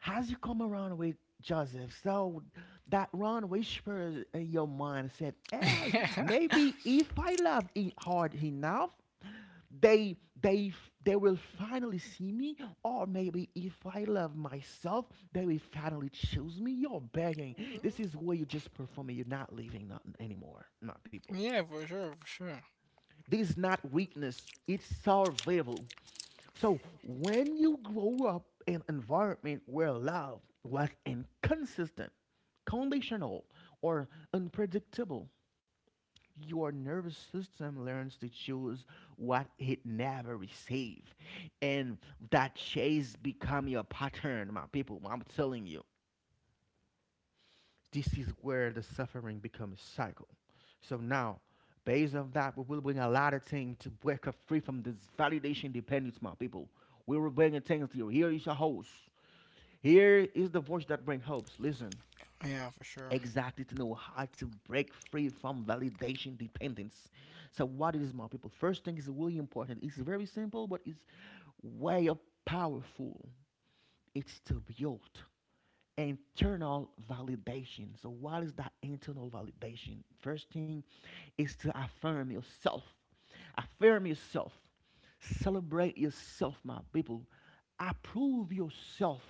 S1: how's you come around with Joseph? So that Ron whispers in your mind said, "Hey,
S2: [LAUGHS]
S1: maybe if I love it hard enough, they will finally see me, or maybe if I love myself, they will finally choose me." You're begging. This is where you just performing. You're not living not anymore, not people.
S2: Yeah, for sure, for sure.
S1: This is not weakness. It's survival. So when you grow up in an environment where love was inconsistent, conditional, or unpredictable, your nervous system learns to choose what it never received. And that chase become your pattern, my people. I'm telling you. This is where the suffering becomes cycle. So now, based on that, we will bring a lot of things to break us free from this validation dependence, my people. We will bring things to you. Here is a host. Here is the voice that brings hopes. Listen,
S2: Yeah, for sure.
S1: exactly to know how to break free from validation dependence. So what is my people? First thing is really important. It's very simple, but it's way powerful. It's to build internal validation. So, what is that internal validation? First thing is to affirm yourself. Affirm yourself. Celebrate yourself, my people. Approve yourself.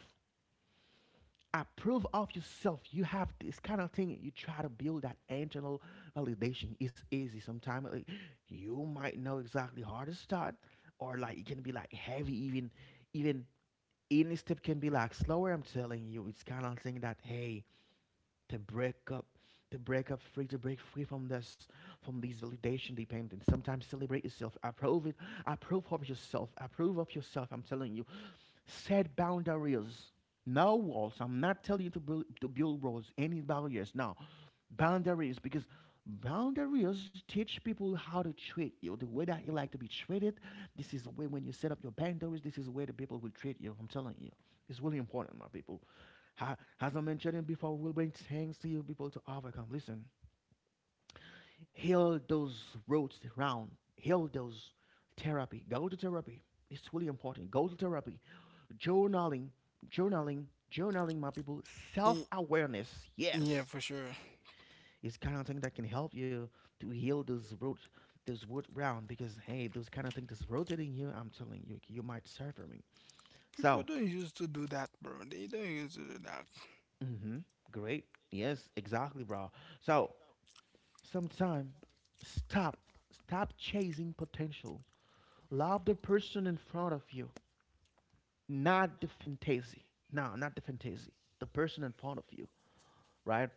S1: Approve of yourself. You have this kind of thing. You try to build that internal validation. It's easy sometimes. Like, you might know exactly how to start, or like it can be like heavy. Even any step can be like slower. I'm telling you, it's kind of thing that hey, to break up to break up free to break free from this from these validation dependence, sometimes celebrate yourself, approve it, approve of yourself. I'm telling you, set boundaries, no walls. I'm not telling you to build walls, any barriers, no, boundaries, because boundaries teach people how to treat you the way that you like to be treated. This is the way, when you set up your boundaries, this is where the people will treat you. I'm telling you, it's really important, my people. As I mentioned it before, we will bring things to you people to overcome. Listen, heal those roads around, heal those, therapy. Go to therapy. It's really important. Go to therapy. Journaling, journaling, journaling, my people. Self
S2: Y-
S1: awareness,
S2: Yeah,
S1: yes,
S2: for sure.
S1: it's kind of thing that can help you to heal those roads, those wood round, because hey, those kind of things that's rotating you. I'm telling you, you might suffer me.
S2: People
S1: So,
S2: don't used to do that, bro. They don't used to do that.
S1: mm-hmm, great, yes, exactly, bro. So, sometime stop stop chasing potential. Love the person in front of you, not the fantasy. No, not the fantasy. The person in front of you, right?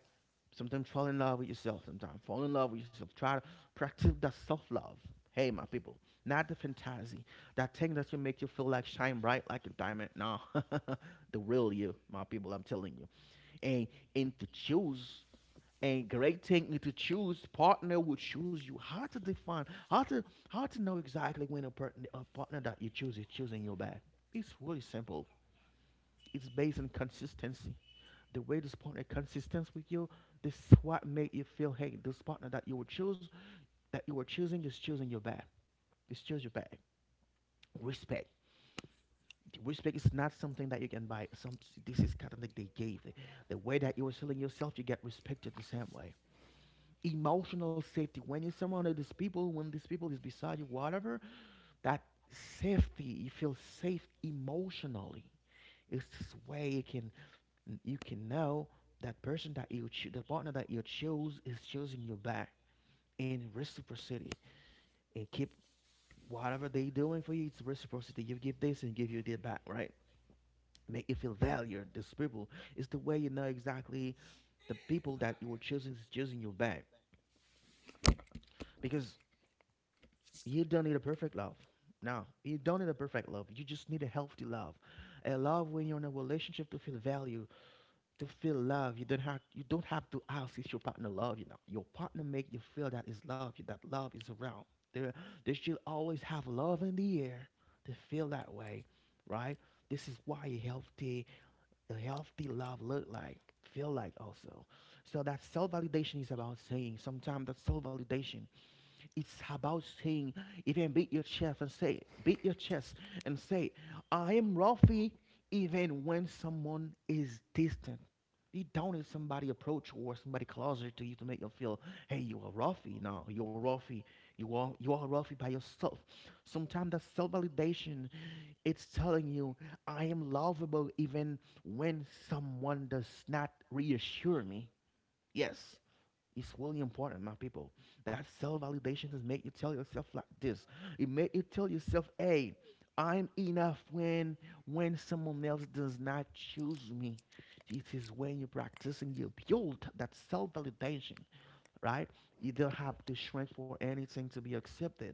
S1: Sometimes fall in love with yourself. Sometimes fall in love with yourself. Try to practice that self love. Hey, my people, not the fantasy. That thing that will make you feel like shine bright like a diamond. No, [LAUGHS] the real you, my people. I'm telling you, and and to choose a great technique to choose partner would choose you, how to define, how to know exactly when a partner that you choose is choosing you back. It's really simple. It's based on consistency. The way this partner consistent with you, this is what made you feel, hey, this partner that you will choose, that you were choosing, is choosing you back. It's choose you back. Respect. Respect is not something that you can buy some. This is kind of like they gave. The way that you were selling yourself, you get respected the same way. Emotional safety, when you're surrounded with these people, when these people is beside you, whatever, that safety, you feel safe emotionally. It's this way you can, you can know that person that you choose, the partner that you choose, is choosing you back, in reciprocity. And keep, whatever they doing for you, it's reciprocity, you give this and give you that back, right? Make you feel valued, these people. It's the way you know exactly the people that you were choosing is choosing you back. Because you don't need a perfect love. No, you don't need a perfect love. You just need a healthy love, a love when you're in a relationship to feel value, to feel love. You don't have to ask if your partner love you. Now your partner make you feel that is love. That love is around. There, they should always have love in the air to feel that way, right? This is why a healthy love look like, feel like also. So that self validation is about saying, sometimes that self validation, it's about saying, even beat your chest and say, beat your chest and say, I am Rafi, even when someone is distant. You don't need somebody approach or somebody closer to you to make you feel, hey, you are Rafi. No, you're Rafi. You are Rafi by yourself. Sometimes that self-validation, it's telling you, I am lovable even when someone does not reassure me. Yes. It's really important, my people. That self-validation is make you tell yourself like this. It make you tell yourself, "Hey, I'm enough." When someone else does not choose me, it is when you are practicing you build that self-validation, right? You don't have to shrink for anything to be accepted.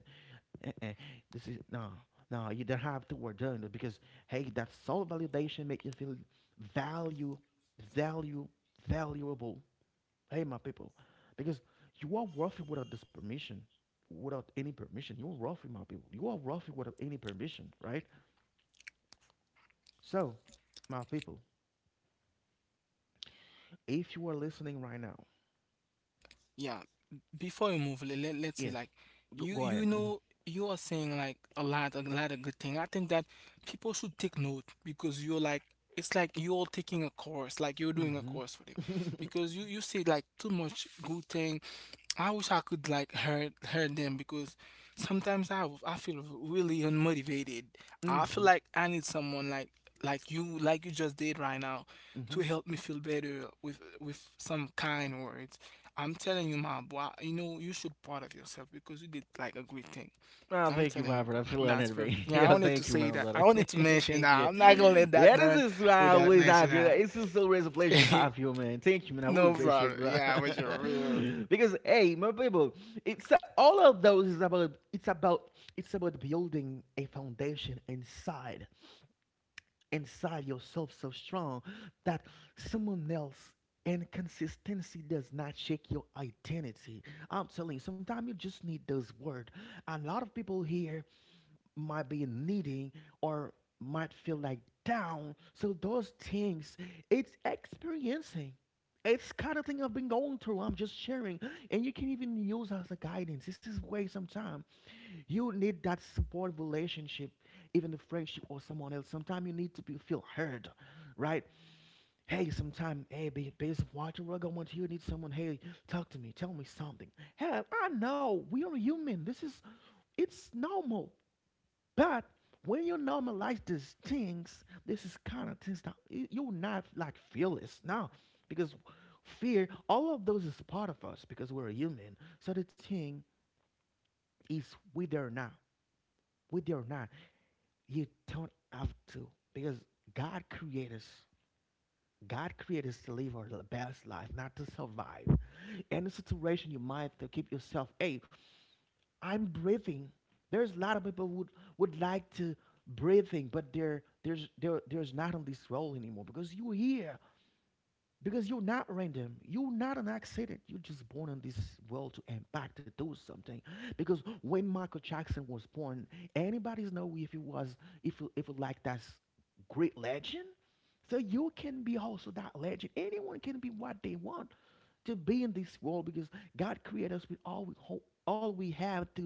S1: Uh-uh. This is no, no. You don't have to work doing it because hey, that self-validation make you feel value, value, valuable. Hey, my people, because you are wealthy without this permission, without any permission. You are wealthy, my people. You are wealthy without any permission, right? So, my people, if you are listening right now,
S2: Yeah. Before you move, let's
S1: yes,
S2: say like
S1: go, go ahead.
S2: you know you are saying like a lot of good thing. I think that people should take note because you're like it's like you're taking a course, like you're doing a
S1: Mm-hmm.
S2: course for them.
S1: Mm-hmm. [LAUGHS]
S2: Because you say like too much good thing. I wish I could like hurt them because sometimes I feel really unmotivated. I feel
S1: mm-hmm.
S2: like I need someone like you just did right now
S1: Mm-hmm.
S2: to help me feel better with some kind words. I'm telling you, my boy, you know you should proud of yourself because you did like a great thing.
S1: Oh,
S2: I'm
S1: thank you,
S2: telling
S1: my
S2: you,
S1: brother.
S2: bro.
S1: I feel
S2: That's
S1: honored, man.
S2: perfect.
S1: [LAUGHS]
S2: Yeah, I
S1: Yeah,
S2: wanted to
S1: thank you, my
S2: say that. I
S1: brother. [LAUGHS]
S2: wanted to mention
S1: Thank
S2: that.
S1: you.
S2: I'm not gonna let that
S1: Yeah, this
S2: done
S1: is why I
S2: without
S1: always
S2: mentioning
S1: have you.
S2: that.
S1: It's just always a pleasure to
S2: [LAUGHS]
S1: have you, man. Thank you, man. I really
S2: No
S1: appreciate it,
S2: problem.
S1: bro.
S2: Yeah, for sure. For sure.
S1: [LAUGHS] Because hey, my people, it's all of those is about it's about building a foundation inside yourself so strong that someone else and consistency does not shake your identity. I'm telling you, sometimes you just need those words. A lot of people here might be needing or might feel like down. So those things, it's experiencing. It's kind of thing I've been going through. I'm just sharing, and you can even use as a guidance. This is way sometimes you need that support relationship, even a friendship or someone else. Sometimes you need to be, feel heard, right? Hey, sometimes hey, based on what you're going through, you need someone. Hey, talk to me, tell me something. Hey, I know we are human. This is it's normal. But when you normalize these things, this is kind of things that you not like fearless now because fear, all of those is part of us because we're human. So the thing is, whether or not, whether or not, you don't have to because God created us. God created us to live our best life, not to survive. Any situation you might to keep yourself, hey, I'm breathing. There's a lot of people would like to breathing, but they there's not on this role anymore because you here. Because you're not random. You're not an accident. You're just born in this world to impact, to do something. Because when Michael Jackson was born, anybody's know if he was, if you like that's great legend. So you can be also that legend. Anyone can be what they want to be in this world because God created us with all we have to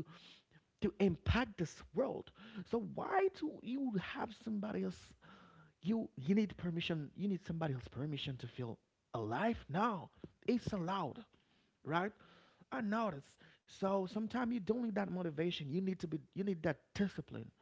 S1: to impact this world. So why do you have somebody else you need permission. You need somebody else's permission to feel alive. No, it's allowed, right? I notice. So sometimes you don't need that motivation. You need to be. You need that discipline.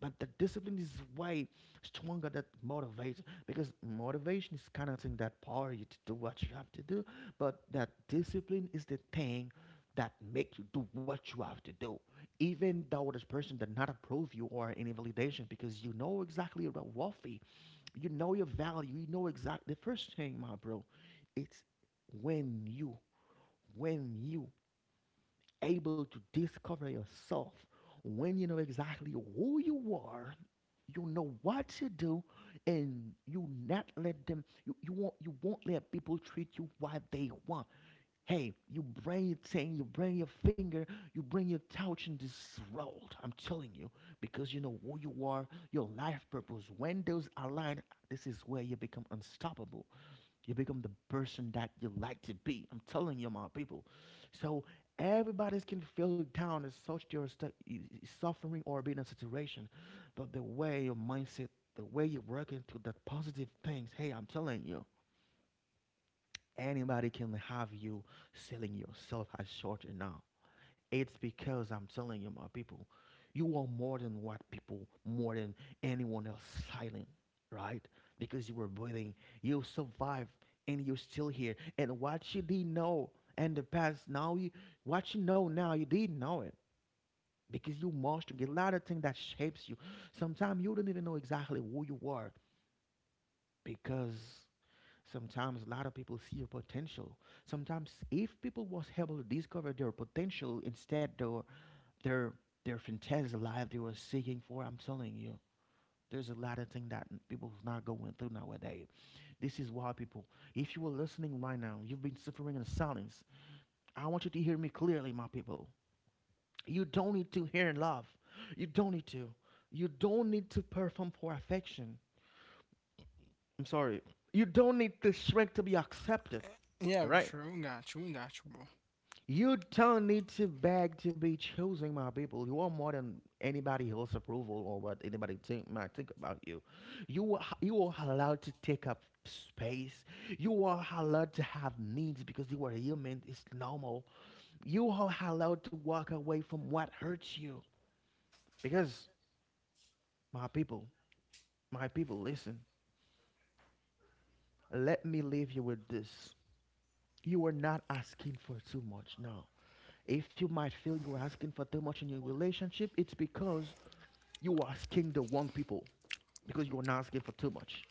S1: But the discipline is way stronger than motivation because motivation is kind of thing that power you to do what you have to do. But that discipline is the thing that make you do what you have to do, even though this person did not approve you or any validation because you know exactly you're worth you know your value. You know exactly. The first thing, my bro, it's when you, when you able to discover yourself, when you know exactly who you are, you know what to do, and you not let them. You won't let people treat you what they want. Hey, you bring your thing, you bring your finger, you bring your touch in this world. I'm telling you, because you know who you are, your life purpose. When those align, this is where you become unstoppable. You become the person that you like to be. I'm telling you, my people. So everybody can feel down as such they are suffering or being in situation, but the way your mindset, the way you work into that positive things. Hey, I'm telling you, anybody can have you selling yourself as short enough. It's because I'm telling you, my people, you are more than what people, more than anyone else silent, right? Because you were breathing, you survived, and you're still here. And what you didn't know in the past, now you, what you know now, you didn't know it. Because you mastered a lot of things that shapes you. Sometimes you don't even know exactly who you are because sometimes a lot of people see your potential. Sometimes if people was able to discover their potential instead their their their fantasy life they were seeking for, I'm telling you, there's a lot of things that people's not going through nowadays. This is why people, if you were listening right now, you've been suffering in silence. I want you to hear me clearly, my people. You don't need to hear in love. You don't need to. You don't need to perform for affection. I'm sorry. You don't need to shrink to be accepted.
S2: Yeah,
S1: All
S2: for
S1: right.
S2: sure. We got you. We got you, bro.
S1: You don't need to beg to be choosing my people. You are more than anybody else's approval or what anybody think, might think about you. You are allowed to take up space. You are allowed to have needs because you are human. It's normal. You are allowed to walk away from what hurts you. Because my people, my people, listen. Let me leave you with this. You are not asking for too much. No. If you might feel you are asking for too much in your relationship, it's because you are asking the wrong people because you are not asking for too much.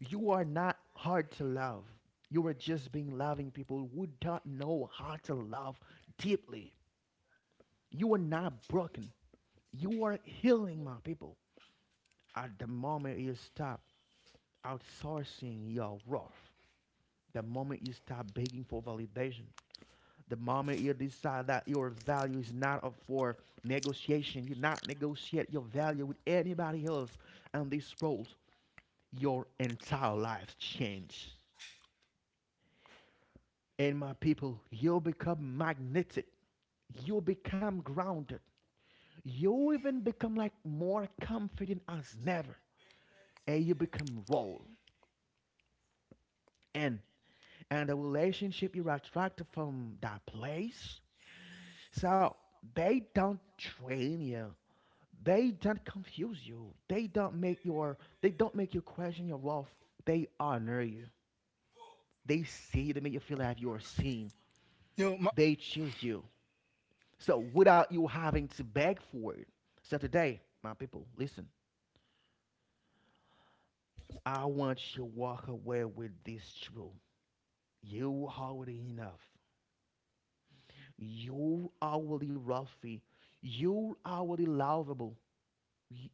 S1: You are not hard to love. You are just being loving people who don't know how to love deeply. You are not broken. You are healing my people. At the moment you stop outsourcing your worth, the moment you stop begging for validation, the moment you decide that your value is not up for negotiation, you not negotiate your value with anybody else on this world. Your entire life change. And my people, you'll become magnetic. You'll become grounded. You'll even become like more confident as never. And you become raw. And and the relationship you're attracted from that place. So they don't train you. They don't confuse you. They don't make your they don't make you question your worth. They honor you. They see they make you feel like you are seen.
S2: Yo, my,
S1: They choose you. So without you having to beg for it. So today, my people, listen. I want you to walk away with this truth. You are already enough. You are already worthy. You are already lovable.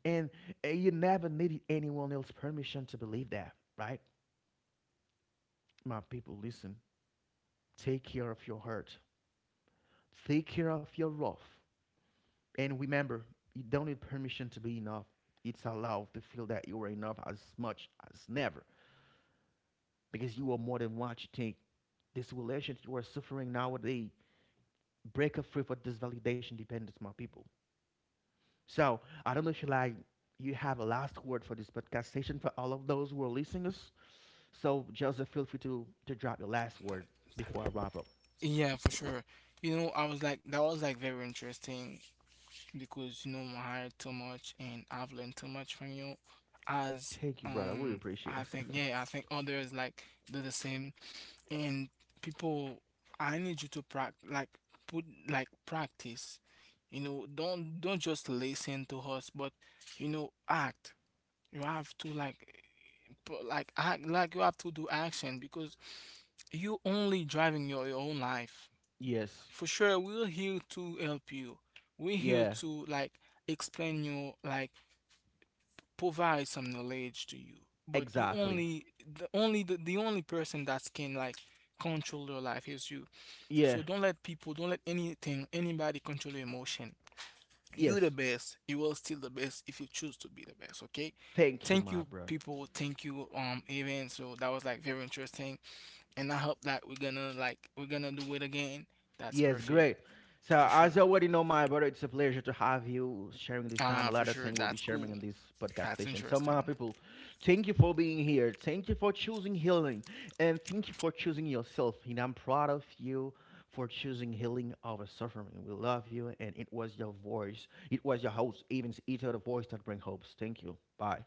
S1: And you never needed anyone else's permission to believe that, right? My people, listen. Take care of your heart. Take care of your rough. And remember, you don't need permission to be enough. It's allowed to feel that you are enough as much as never, because you are more than what you think. This relationship you are suffering nowadays, break up free for this validation dependence, my people. So I don't know if you like you have a last word for this podcast session for all of those who are listening us. So Joseph, feel free to drop your last word
S2: that-
S1: before I
S2: that-
S1: wrap up.
S2: yeah, for sure. You know, I was like, that was like very interesting because you know, I hired too much and I've learned too much from you. As
S1: Thank you, brother. I really
S2: um,
S1: appreciate
S2: I think,
S1: it.
S2: yeah, I think others like do the same. And people, I need you to practice, like put like practice. You know, don't just listen to us, but you know, act. You have to like, act, like you have to do action because you only driving your own life.
S1: [LAUGHS] yes.
S2: For sure, we're here to help you. We're here
S1: Yeah.
S2: to like explain you, like provide some knowledge to you. But you
S1: Exactly.
S2: only the only person that can like control your life is you.
S1: Yeah.
S2: So don't let people, don't let anything, anybody control your emotion.
S1: Yes.
S2: You the best. You are still the best if you choose to be the best. Okay,
S1: Thank you,
S2: thank
S1: my
S2: you
S1: brother.
S2: people. Thank you even so, that was like very interesting and I hope that we're gonna like we're gonna do it again. That's
S1: Yes,
S2: perfect.
S1: great. So
S2: For
S1: as
S2: sure.
S1: you already know, my brother, it's a pleasure to have you sharing this time. A
S2: Ah, for
S1: lot of
S2: sure.
S1: things we'll be
S2: That's
S1: sharing
S2: cool.
S1: in this podcast
S2: That's
S1: session. So my
S2: interesting.
S1: people, thank you for being here. Thank you for choosing healing. And thank you for choosing yourself. And I'm proud of you for choosing healing over suffering. We love you. And it was your voice. It was your host, Evans Ito, the voice that brings hopes. Thank you. Bye.